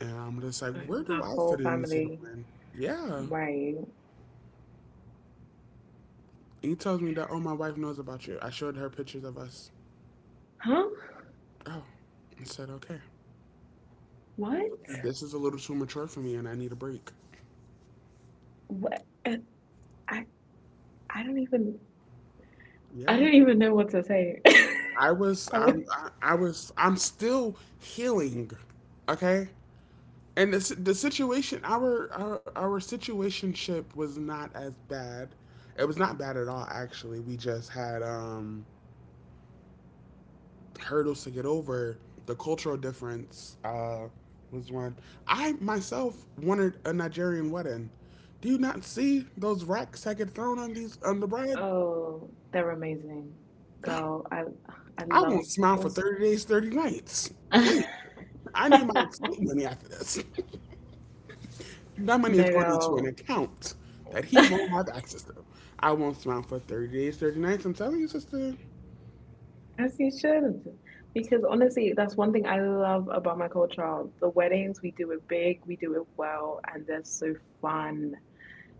[SPEAKER 2] And I'm just like,
[SPEAKER 1] So
[SPEAKER 2] where
[SPEAKER 1] the
[SPEAKER 2] do I
[SPEAKER 1] whole
[SPEAKER 2] fit in into the
[SPEAKER 1] family.
[SPEAKER 2] plan? Yeah. And
[SPEAKER 1] Right.
[SPEAKER 2] he tells me that, oh, my wife knows about you. I showed her pictures of us.
[SPEAKER 1] Huh?
[SPEAKER 2] Oh, I said, okay.
[SPEAKER 1] What?
[SPEAKER 2] This is a little too mature for me and I need a break.
[SPEAKER 1] What? I I don't even I
[SPEAKER 2] Yeah.
[SPEAKER 1] don't even know what to say. I would,
[SPEAKER 2] I was, I'm still healing. Okay. And the situation, our situationship was not as bad. It was not bad at all, actually. We just had, hurdles to get over. The cultural difference was one. I myself wanted a Nigerian wedding. Do you not see those racks that get thrown on these on the bread?
[SPEAKER 1] oh, they're amazing, girl. I
[SPEAKER 2] I
[SPEAKER 1] love
[SPEAKER 2] won't smile for
[SPEAKER 1] this.
[SPEAKER 2] 30 days, 30 nights. Please, I need my escape money after this. That money is
[SPEAKER 1] No,
[SPEAKER 2] going into an
[SPEAKER 1] girl.
[SPEAKER 2] account that he won't have access to. I won't smile for 30 days, 30 nights. I'm telling you, sister.
[SPEAKER 1] As you should. Because honestly, that's one thing I love about my culture. The weddings, we do it big, we do it well, and they're so fun.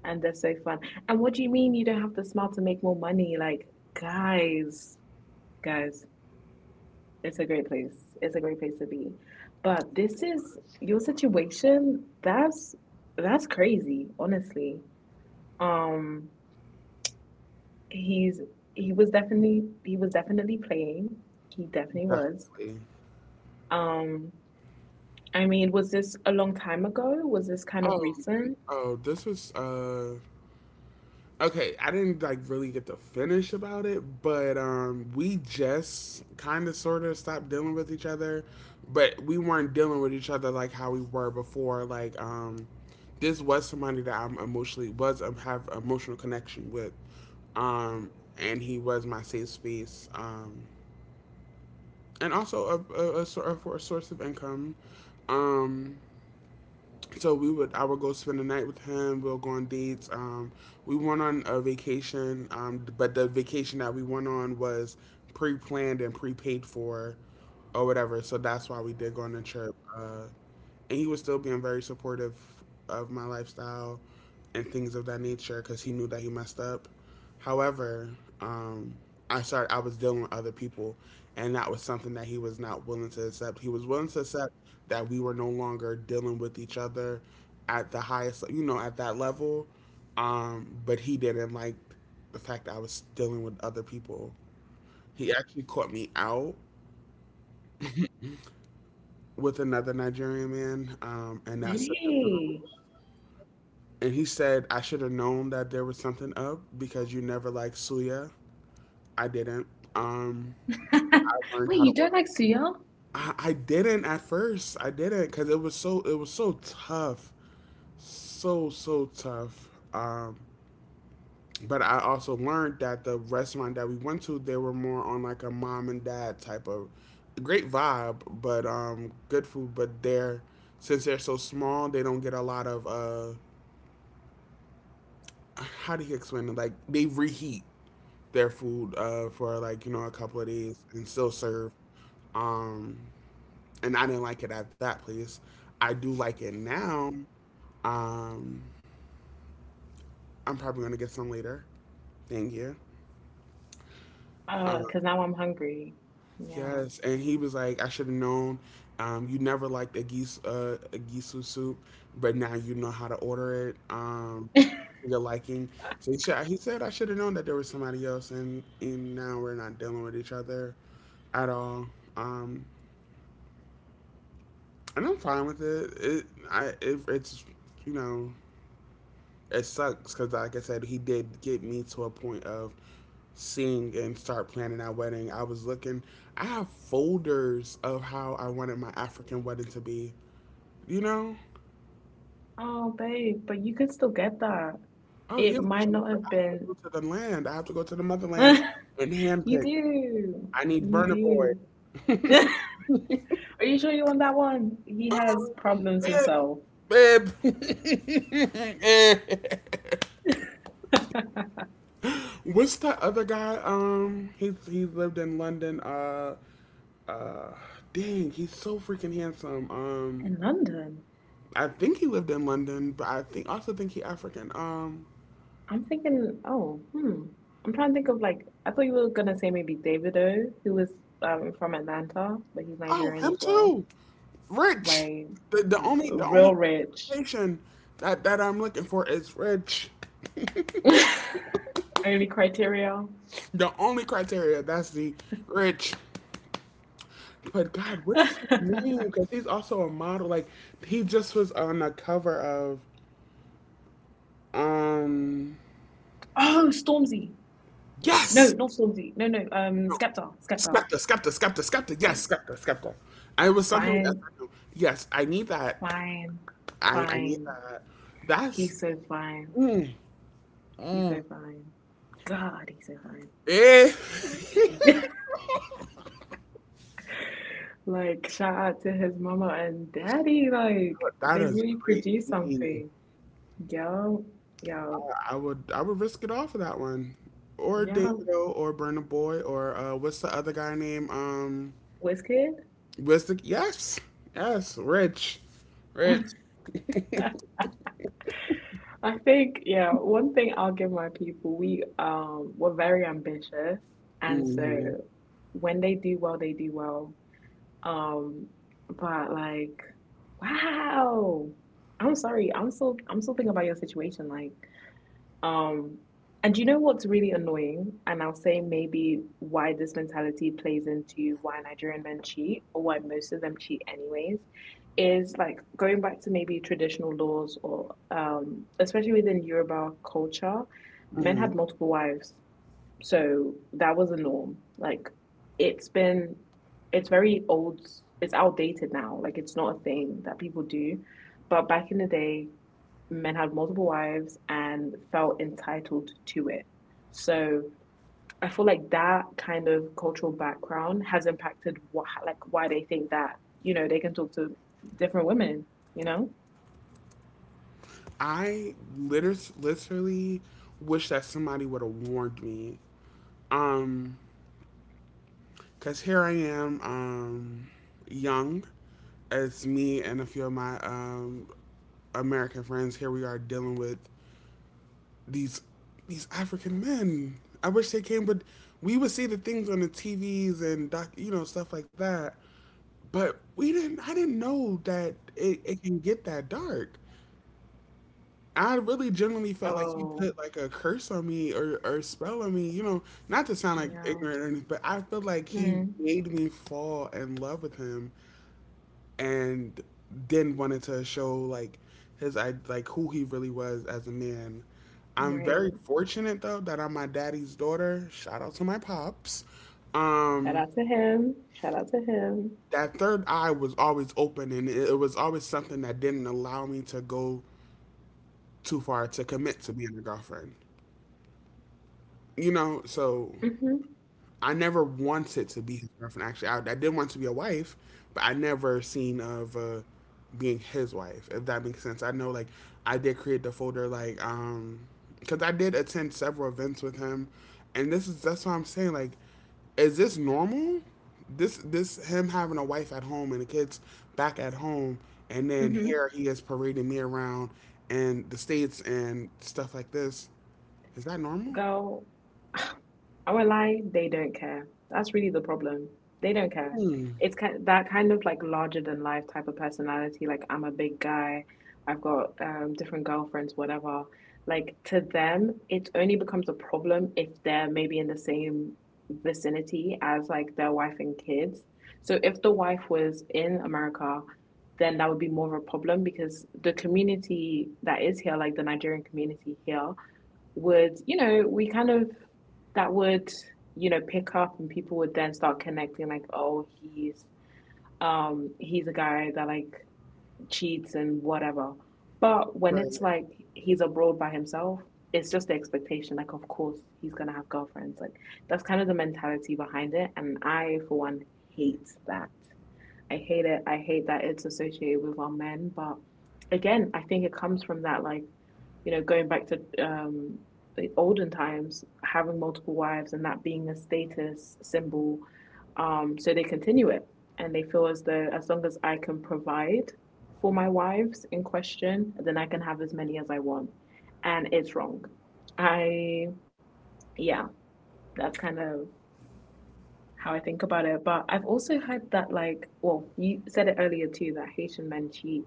[SPEAKER 1] And they're so fun. And what do you mean you don't have the smile to make more money? Like, guys, guys, it's a great place. It's a great place to be. But this is your situation. That's crazy, honestly. Um, he's he was definitely playing. He definitely was.
[SPEAKER 2] Definitely.
[SPEAKER 1] Um, I mean, was this a long time ago? Was this kind of
[SPEAKER 2] Oh,
[SPEAKER 1] recent?
[SPEAKER 2] oh, this was okay, I didn't, like, really get to finish about it, but we just kind of sort of stopped dealing with each other, but we weren't dealing with each other like how we were before. Like, this was somebody that I'm emotionally was have emotional connection with, um, and he was my safe space, and also for a source of income. Um, so I would go spend the night with him. We'll go on dates. We went on a vacation, but the vacation that we went on was pre-planned and pre-paid for, or whatever. So that's why we did go on the trip. And he was still being very supportive of my lifestyle and things of that nature because he knew that he messed up. However, um, I was dealing with other people, and that was something that he was not willing to accept. He was willing to accept that we were no longer dealing with each other at the highest, at that level. But he didn't like the fact that I was dealing with other people. He actually caught me out with another Nigerian man, and that
[SPEAKER 1] Did
[SPEAKER 2] sent him through the
[SPEAKER 1] he?
[SPEAKER 2] roof. And he said, I should have known that there was something up because you never liked Suya. I didn't. Um, I learned
[SPEAKER 1] Wait,
[SPEAKER 2] how to
[SPEAKER 1] you
[SPEAKER 2] order.
[SPEAKER 1] don't like suya?
[SPEAKER 2] I didn't at first. I didn't because it was so tough, so tough. But I also learned that the restaurant that we went to, they were more on like a mom and dad type of great vibe, but good food. But they're since they're so small, they don't get a lot of how do you explain it? Like they reheat their food for like a couple of days and still serve. Um, and I didn't like it at that place. I do like it now. Um, I'm probably gonna get some later. Thank you. Uh,
[SPEAKER 1] Because now I'm hungry. Yeah.
[SPEAKER 2] yes, and he was like, I should have known. You never liked a gisu soup, but now you know how to order it. To your liking. So he said I should have known that there was somebody else, and now we're not dealing with each other at all. Um, and I'm fine with it. It's, you know, it sucks because, like I said, he did get me to a point of seeing and start planning our wedding. I was looking, I have folders of how I wanted my African wedding to be. You know,
[SPEAKER 1] Oh, babe, but you can still get that.
[SPEAKER 2] oh yeah,
[SPEAKER 1] It
[SPEAKER 2] for
[SPEAKER 1] might
[SPEAKER 2] sure.
[SPEAKER 1] not
[SPEAKER 2] But I
[SPEAKER 1] have
[SPEAKER 2] have to go
[SPEAKER 1] been.
[SPEAKER 2] to the land. I have to go to the motherland and
[SPEAKER 1] You
[SPEAKER 2] handpick.
[SPEAKER 1] do.
[SPEAKER 2] I need
[SPEAKER 1] You
[SPEAKER 2] burner boy.
[SPEAKER 1] do.
[SPEAKER 2] um,
[SPEAKER 1] Are you sure you want that one? He has problems himself.
[SPEAKER 2] babe, babe. What's that other guy? He lived in London. Uh, dang, he's so freaking handsome.
[SPEAKER 1] In London?
[SPEAKER 2] I think he lived in London, but I think he African.
[SPEAKER 1] I'm thinking, oh, hmm. I'm trying to think of like I thought you were gonna say maybe Davido, who was from Atlanta, but he's
[SPEAKER 2] Oh,
[SPEAKER 1] Nigerian
[SPEAKER 2] him
[SPEAKER 1] as well.
[SPEAKER 2] too. Rich.
[SPEAKER 1] Right.
[SPEAKER 2] The only
[SPEAKER 1] Real rich.
[SPEAKER 2] qualification that I'm looking for is rich.
[SPEAKER 1] Only criteria.
[SPEAKER 2] The only criteria that's the rich. But God, what is his name? Because he's also a model. Like he just was on the cover of um.
[SPEAKER 1] Oh, Stormzy. No,
[SPEAKER 2] Yes.
[SPEAKER 1] not Stormzy. No, no.
[SPEAKER 2] No.
[SPEAKER 1] Skepta. Skepta.
[SPEAKER 2] Skepta. Yes, Skepta. I was something with
[SPEAKER 1] Fine,
[SPEAKER 2] SIU. Yes, I need that.
[SPEAKER 1] fine,
[SPEAKER 2] I need
[SPEAKER 1] fine.
[SPEAKER 2] that. That's.
[SPEAKER 1] He's so fine. He's
[SPEAKER 2] Mm,
[SPEAKER 1] so fine. God, he's so fine.
[SPEAKER 2] eh.
[SPEAKER 1] Like, shout out to his mama and daddy. Like,
[SPEAKER 2] that
[SPEAKER 1] they
[SPEAKER 2] is
[SPEAKER 1] really
[SPEAKER 2] great.
[SPEAKER 1] produced
[SPEAKER 2] Gene.
[SPEAKER 1] something. Yo, yo,
[SPEAKER 2] I, I would risk it all for that one. Or
[SPEAKER 1] yo,
[SPEAKER 2] David O or Burna Boy or what's the other guy name?
[SPEAKER 1] Wizkid.
[SPEAKER 2] What's the yes. Yes, Rich. Rich.
[SPEAKER 1] I think, yeah, one thing I'll give my people, we were very ambitious, and so
[SPEAKER 2] Hmm.
[SPEAKER 1] when they do well, they do well. Um, but like, wow, I'm sorry, I'm still thinking about your situation. Like, um, and you know what's really annoying? And I'll say maybe why this mentality plays into why Nigerian men cheat or why most of them cheat anyways, is like going back to maybe traditional laws or especially within Yoruba culture, men had multiple wives. So that was a norm. Like it's been, it's very old, it's outdated now. Like it's not a thing that people do. But back in the day, men had multiple wives and felt entitled to it. So I feel like that kind of cultural background has impacted what, like why they think that you know they can talk to different women. You know.
[SPEAKER 2] Literally wish that somebody would have warned me. Um, cause here I am, young. It's me and a few of my American friends. Here we are dealing with these these African men. I wish they came, but we would see the things on the TVs and doc, stuff like that. But we didn't. I didn't know that it can get that dark. I really genuinely felt like he
[SPEAKER 1] Oh
[SPEAKER 2] put like a curse on me or a spell on me, you know, not to sound like
[SPEAKER 1] yeah.
[SPEAKER 2] ignorant or anything, but I feel like he
[SPEAKER 1] Mm,
[SPEAKER 2] made me fall in love with him and then wanted to show like his I like who he really was as a man. I'm very
[SPEAKER 1] right.
[SPEAKER 2] fortunate though that I'm my daddy's daughter. Shout out to my pops.
[SPEAKER 1] Shout
[SPEAKER 2] Um
[SPEAKER 1] out to him. Shout out to him.
[SPEAKER 2] that third eye was always open and it was always something that didn't allow me to go too far to commit to being a girlfriend. You know, so
[SPEAKER 1] Mhm.
[SPEAKER 2] I never wanted to be his girlfriend. Actually, I did want to be a wife, but I never seen of being his wife. If that makes sense, I know like I did create the folder like because I did attend several events with him, and this is that's what I'm saying like, is this normal? This him having a wife at home and the kids back at home, and then
[SPEAKER 1] Mhm.
[SPEAKER 2] here he is parading me around and the states and stuff like this. Is that normal?
[SPEAKER 1] Go. I will not lie, they don't care. That's really the problem. They don't care.
[SPEAKER 2] Hmm.
[SPEAKER 1] It's kind that kind of like larger than life type of personality. Like I'm a big guy. I've got different girlfriends, whatever. Like to them, it only becomes a problem if they're maybe in the same vicinity as like their wife and kids. So if the wife was in America, then that would be more of a problem because the community that is here, like the Nigerian community here, would, you know, we kind of that would, you know, pick up and people would then start connecting like, oh, he's a guy that like cheats and whatever. But when it's
[SPEAKER 2] Right.
[SPEAKER 1] like he's abroad by himself, it's just the expectation, like of course he's gonna have girlfriends. Like that's kind of the mentality behind it. And I for one hate that. I hate it. I hate that it's associated with our men. But again, I think it comes from that, like, you know, going back to the olden times, having multiple wives and that being a status symbol. So they continue it and they feel as though as long as I can provide for my wives in question, then I can have as many as I want. And it's wrong. I, yeah, that's kind of how I think about it. But I've also heard that like, well, you said it earlier too that Haitian men cheat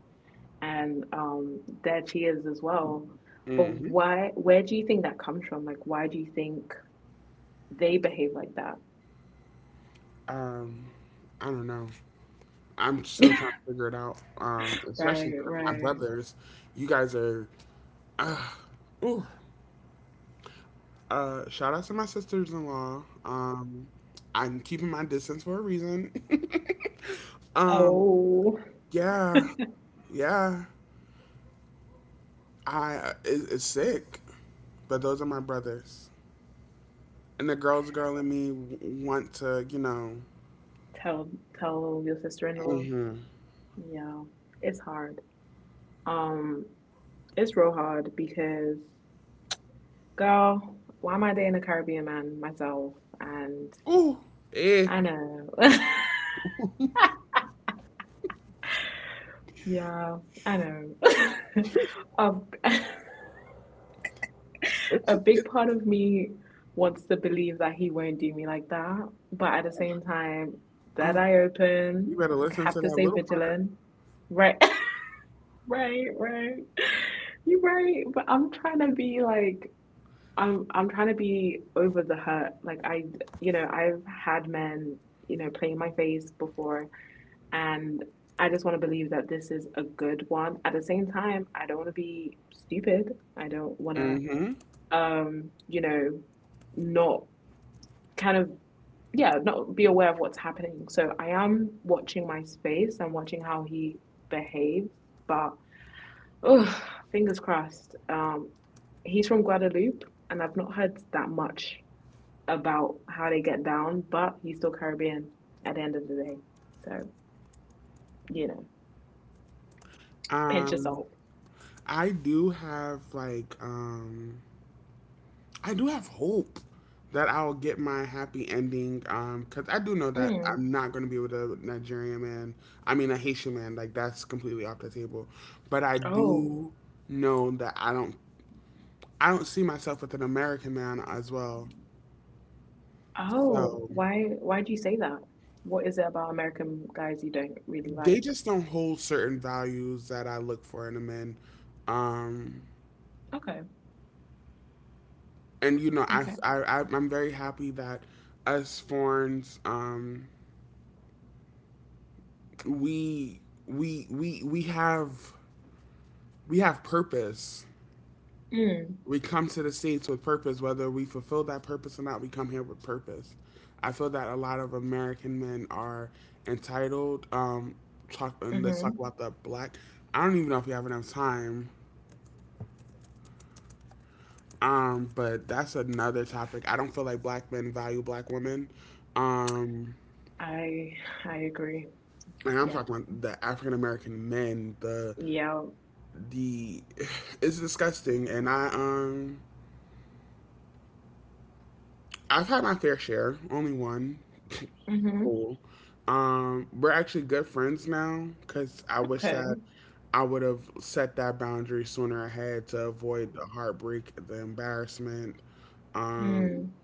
[SPEAKER 1] and their cheers as well. But
[SPEAKER 2] Hmm.
[SPEAKER 1] why? Where do you think that comes from? Like, why do you think they behave like that?
[SPEAKER 2] Um, I don't know. I'm still trying to figure it out.
[SPEAKER 1] Right,
[SPEAKER 2] Especially because my
[SPEAKER 1] right.
[SPEAKER 2] brothers, you guys are. Ooh, shout out to my sisters-in-law. I'm keeping my distance for a reason. um,
[SPEAKER 1] Oh,
[SPEAKER 2] yeah, yeah. I it's sick, but those are my brothers, and the girls' girl in me want to, you know.
[SPEAKER 1] tell tell your sister-in-law.
[SPEAKER 2] Hmm.
[SPEAKER 1] Yeah, it's hard. Um, it's real hard because, girl, why am I dating a Caribbean man myself? And
[SPEAKER 2] Ooh, eh.
[SPEAKER 1] I know. Yeah, I know. A,
[SPEAKER 2] It's,
[SPEAKER 1] a big
[SPEAKER 2] it,
[SPEAKER 1] part of me wants to believe that he won't do me like that, but at the same time, that
[SPEAKER 2] oh,
[SPEAKER 1] eye
[SPEAKER 2] you
[SPEAKER 1] open,
[SPEAKER 2] better
[SPEAKER 1] I
[SPEAKER 2] listen
[SPEAKER 1] have
[SPEAKER 2] to
[SPEAKER 1] to
[SPEAKER 2] that
[SPEAKER 1] stay
[SPEAKER 2] little part.
[SPEAKER 1] vigilant. Right, right, right. You're right, but I'm trying to be like I'm trying to be over the hurt. Like I I've had men play in my face before. And I just want to believe that this is a good one. At the same time, I don't want to be stupid. I don't want
[SPEAKER 2] Mm-hmm.
[SPEAKER 1] to, um, you know, not kind of, yeah, not be aware of what's happening. So I am watching my space. I'm watching how he behaves. But, oh, fingers crossed. He's from Guadeloupe, and I've not heard that much about how they get down, but he's still Caribbean at the end of the day. So, you know, pinch
[SPEAKER 2] Um,
[SPEAKER 1] yourself.
[SPEAKER 2] I do have like I do have hope that I'll get my happy ending. 'Cause I do know that
[SPEAKER 1] Mm.
[SPEAKER 2] I'm not gonna be with a Nigerian man. I mean a Haitian man. Like that's completely off the table. But I
[SPEAKER 1] Oh,
[SPEAKER 2] do know that I don't. I don't see myself with an American man as well.
[SPEAKER 1] oh,
[SPEAKER 2] So
[SPEAKER 1] why do you say that? What is it about American guys you don't really
[SPEAKER 2] they
[SPEAKER 1] like?
[SPEAKER 2] just don't hold certain values that I look for in a man. Um,
[SPEAKER 1] Okay,
[SPEAKER 2] and you know
[SPEAKER 1] okay.
[SPEAKER 2] I'm very happy that us foreigners we we have purpose,
[SPEAKER 1] Mm.
[SPEAKER 2] we come to the states with purpose, whether we fulfill that purpose or not, we come here with purpose. I feel that a lot of American men are entitled. Talk and let's talk
[SPEAKER 1] Mm-hmm.
[SPEAKER 2] about the black, I don't even know if we have enough time. But that's another topic. I don't feel like black men value black women. um
[SPEAKER 1] I I agree.
[SPEAKER 2] and I'm
[SPEAKER 1] Yeah.
[SPEAKER 2] talking about the African American men,
[SPEAKER 1] Yeah.
[SPEAKER 2] the it's disgusting and I've had my fair share, only one.
[SPEAKER 1] Mm-hmm.
[SPEAKER 2] cool. Um, we're actually good friends now cuz I wish that
[SPEAKER 1] Okay.
[SPEAKER 2] I would have set that boundary sooner ahead to avoid the heartbreak, the embarrassment. Um
[SPEAKER 1] Mm.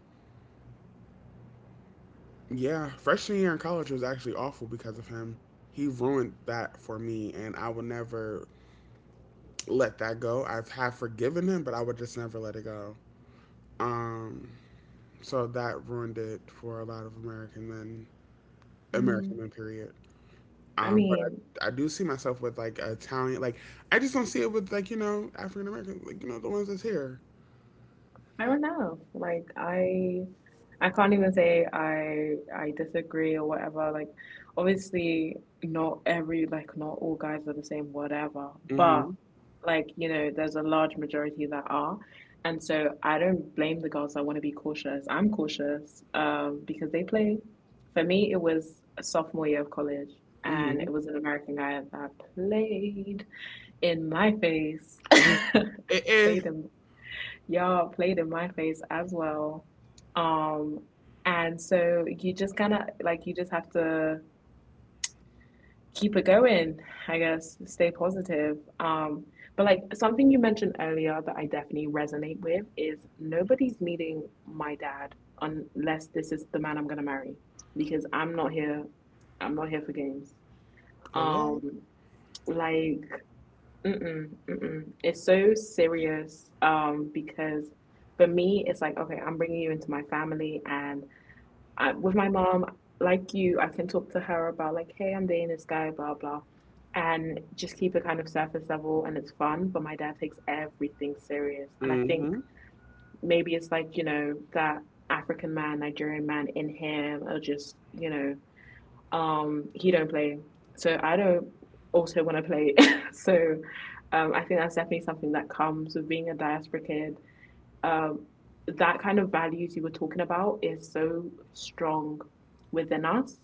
[SPEAKER 2] yeah, freshman year in college was actually awful because of him. He ruined that for me and I will never let that go. I've have forgiven him, but I would just never let it go. Um, so that ruined it for a lot of American
[SPEAKER 1] Mm.
[SPEAKER 2] men, period.
[SPEAKER 1] I
[SPEAKER 2] But
[SPEAKER 1] mean,
[SPEAKER 2] I do see myself with like Italian, like I just don't see it with like you know African American, like you know the ones that's here.
[SPEAKER 1] I don't know. Like I can't even say I disagree or whatever. Like obviously not every like not all guys are the same, whatever. But
[SPEAKER 2] Mm-hmm.
[SPEAKER 1] like, you know, there's a large majority that are. And so I don't blame the girls that want to be cautious. I'm cautious because they play. For me, it was a sophomore year of college and
[SPEAKER 2] Mm-hmm.
[SPEAKER 1] it was an American guy that played in my face.
[SPEAKER 2] Oh, eh, eh.
[SPEAKER 1] Played him. Y'all played in my face as well. Um, and so you just kind of like you just have to keep it going, I guess, stay positive. But like something you mentioned earlier that I definitely resonate with is nobody's meeting my dad unless this is the man I'm gonna marry because I'm not here for games. Um,
[SPEAKER 2] Hello.
[SPEAKER 1] like Mm-mm, mm-mm. It's so serious because for me, it's like, okay, I'm bringing you into my family. And I, with my mom, like you, I can talk to her about, like, hey, I'm dating this guy, blah, blah, and just keep it kind of surface level and it's fun. But my dad takes everything serious. And I think
[SPEAKER 2] Mm-hmm.
[SPEAKER 1] maybe it's like, you know, that African man, Nigerian man in him, or just, you know, he don't play, so I don't also want to play. So I think that's definitely something that comes with being a diaspora kid. Um, that kind of values you were talking about is so strong within us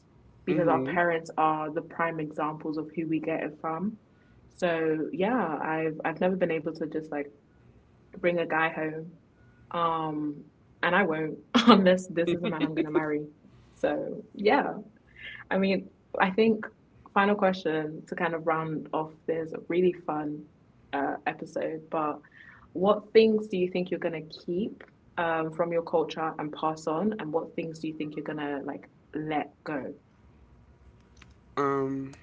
[SPEAKER 1] because our
[SPEAKER 2] Mm-hmm.
[SPEAKER 1] parents are the prime examples of who we get it from. So yeah, I've never been able to just like bring a guy home, um, and I won't unless this is the man I'm gonna marry. So yeah, I mean, I think final question to kind of round off this really fun episode, but what things do you think you're gonna keep from your culture and pass on, and what things do you think you're gonna like let go?
[SPEAKER 2] Um.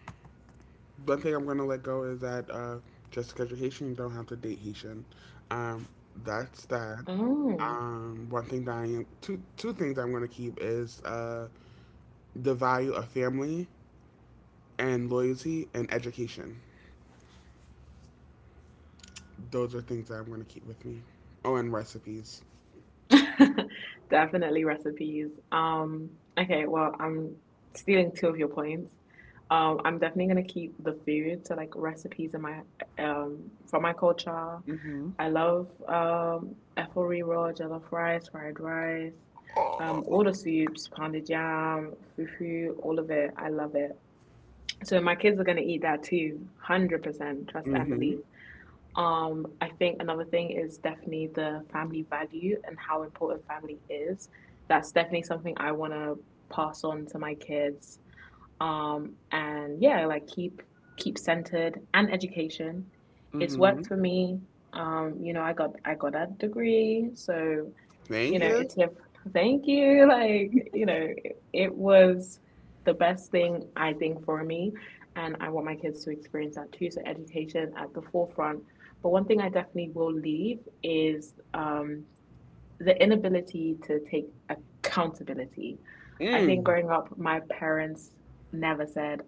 [SPEAKER 2] One thing I'm going to let go is that just because you're Haitian, you don't have to date Haitian. Um, that's that.
[SPEAKER 1] Mm.
[SPEAKER 2] One thing that two things I'm going to keep is the value of family and loyalty and education. Those are things that I'm going to keep with me. Oh, and recipes.
[SPEAKER 1] Definitely recipes. Okay, well, I'm stealing two of your points. I'm definitely gonna keep the food, so like recipes in my from my culture.
[SPEAKER 2] Mm-hmm.
[SPEAKER 1] I love effery roll, jollof rice, fried rice,
[SPEAKER 2] Oh.
[SPEAKER 1] all the soups, pounded yam, fufu, all of it. I love it. So my kids are gonna eat that too, 100%, trust and
[SPEAKER 2] Mm-hmm.
[SPEAKER 1] believe. I think another thing is definitely the family value and how important family is. That's definitely something I want to pass on to my kids. And yeah, like keep centered and education. It's
[SPEAKER 2] Mm-hmm.
[SPEAKER 1] worked for me. You know, I got a degree, so you
[SPEAKER 2] Thank
[SPEAKER 1] know,
[SPEAKER 2] you.
[SPEAKER 1] it's if thank you. Like, you know, it was the best thing I think for me. And I want my kids to experience that too. So education at the forefront. But one thing I definitely will leave is the inability to take accountability. I think
[SPEAKER 2] Mm.
[SPEAKER 1] growing up, my parents never said,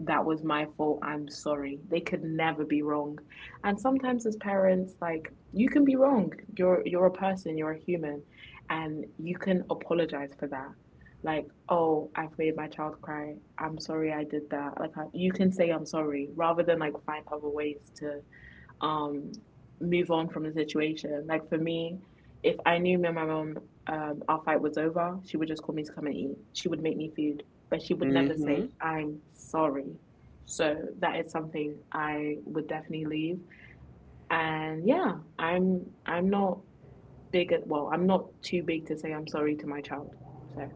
[SPEAKER 1] that was my fault. I'm sorry. They could never be wrong. And sometimes as parents, like you can be wrong. You're a person, you're a human, and you can apologize for that. Like, oh, I've made my child cry. I'm sorry I did that. Like you can say I'm sorry rather than like find other ways to um move on from the situation. Like for me, if I knew me and my mum our fight was over, she would just call me to come and eat. She would make me food, but she would never say,
[SPEAKER 2] Mm-hmm.
[SPEAKER 1] I'm sorry. So that is something I would definitely leave. And yeah, I'm not big at well, I'm not too big to say I'm sorry to my child. So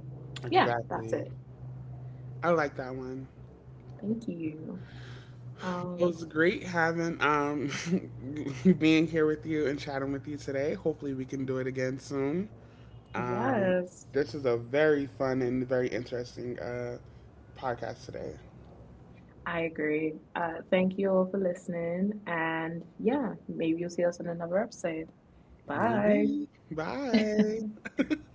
[SPEAKER 1] yeah, that's
[SPEAKER 2] Exactly.
[SPEAKER 1] it.
[SPEAKER 2] I like that one.
[SPEAKER 1] Thank you.
[SPEAKER 2] It
[SPEAKER 1] Um
[SPEAKER 2] was great having being here with you and chatting with you today. Hopefully we can do it again soon. Um
[SPEAKER 1] yes.
[SPEAKER 2] this is a very fun and very interesting podcast today.
[SPEAKER 1] I agree. Thank you all for listening. And yeah, maybe you'll see us on another episode. Bye.
[SPEAKER 2] Maybe. Bye.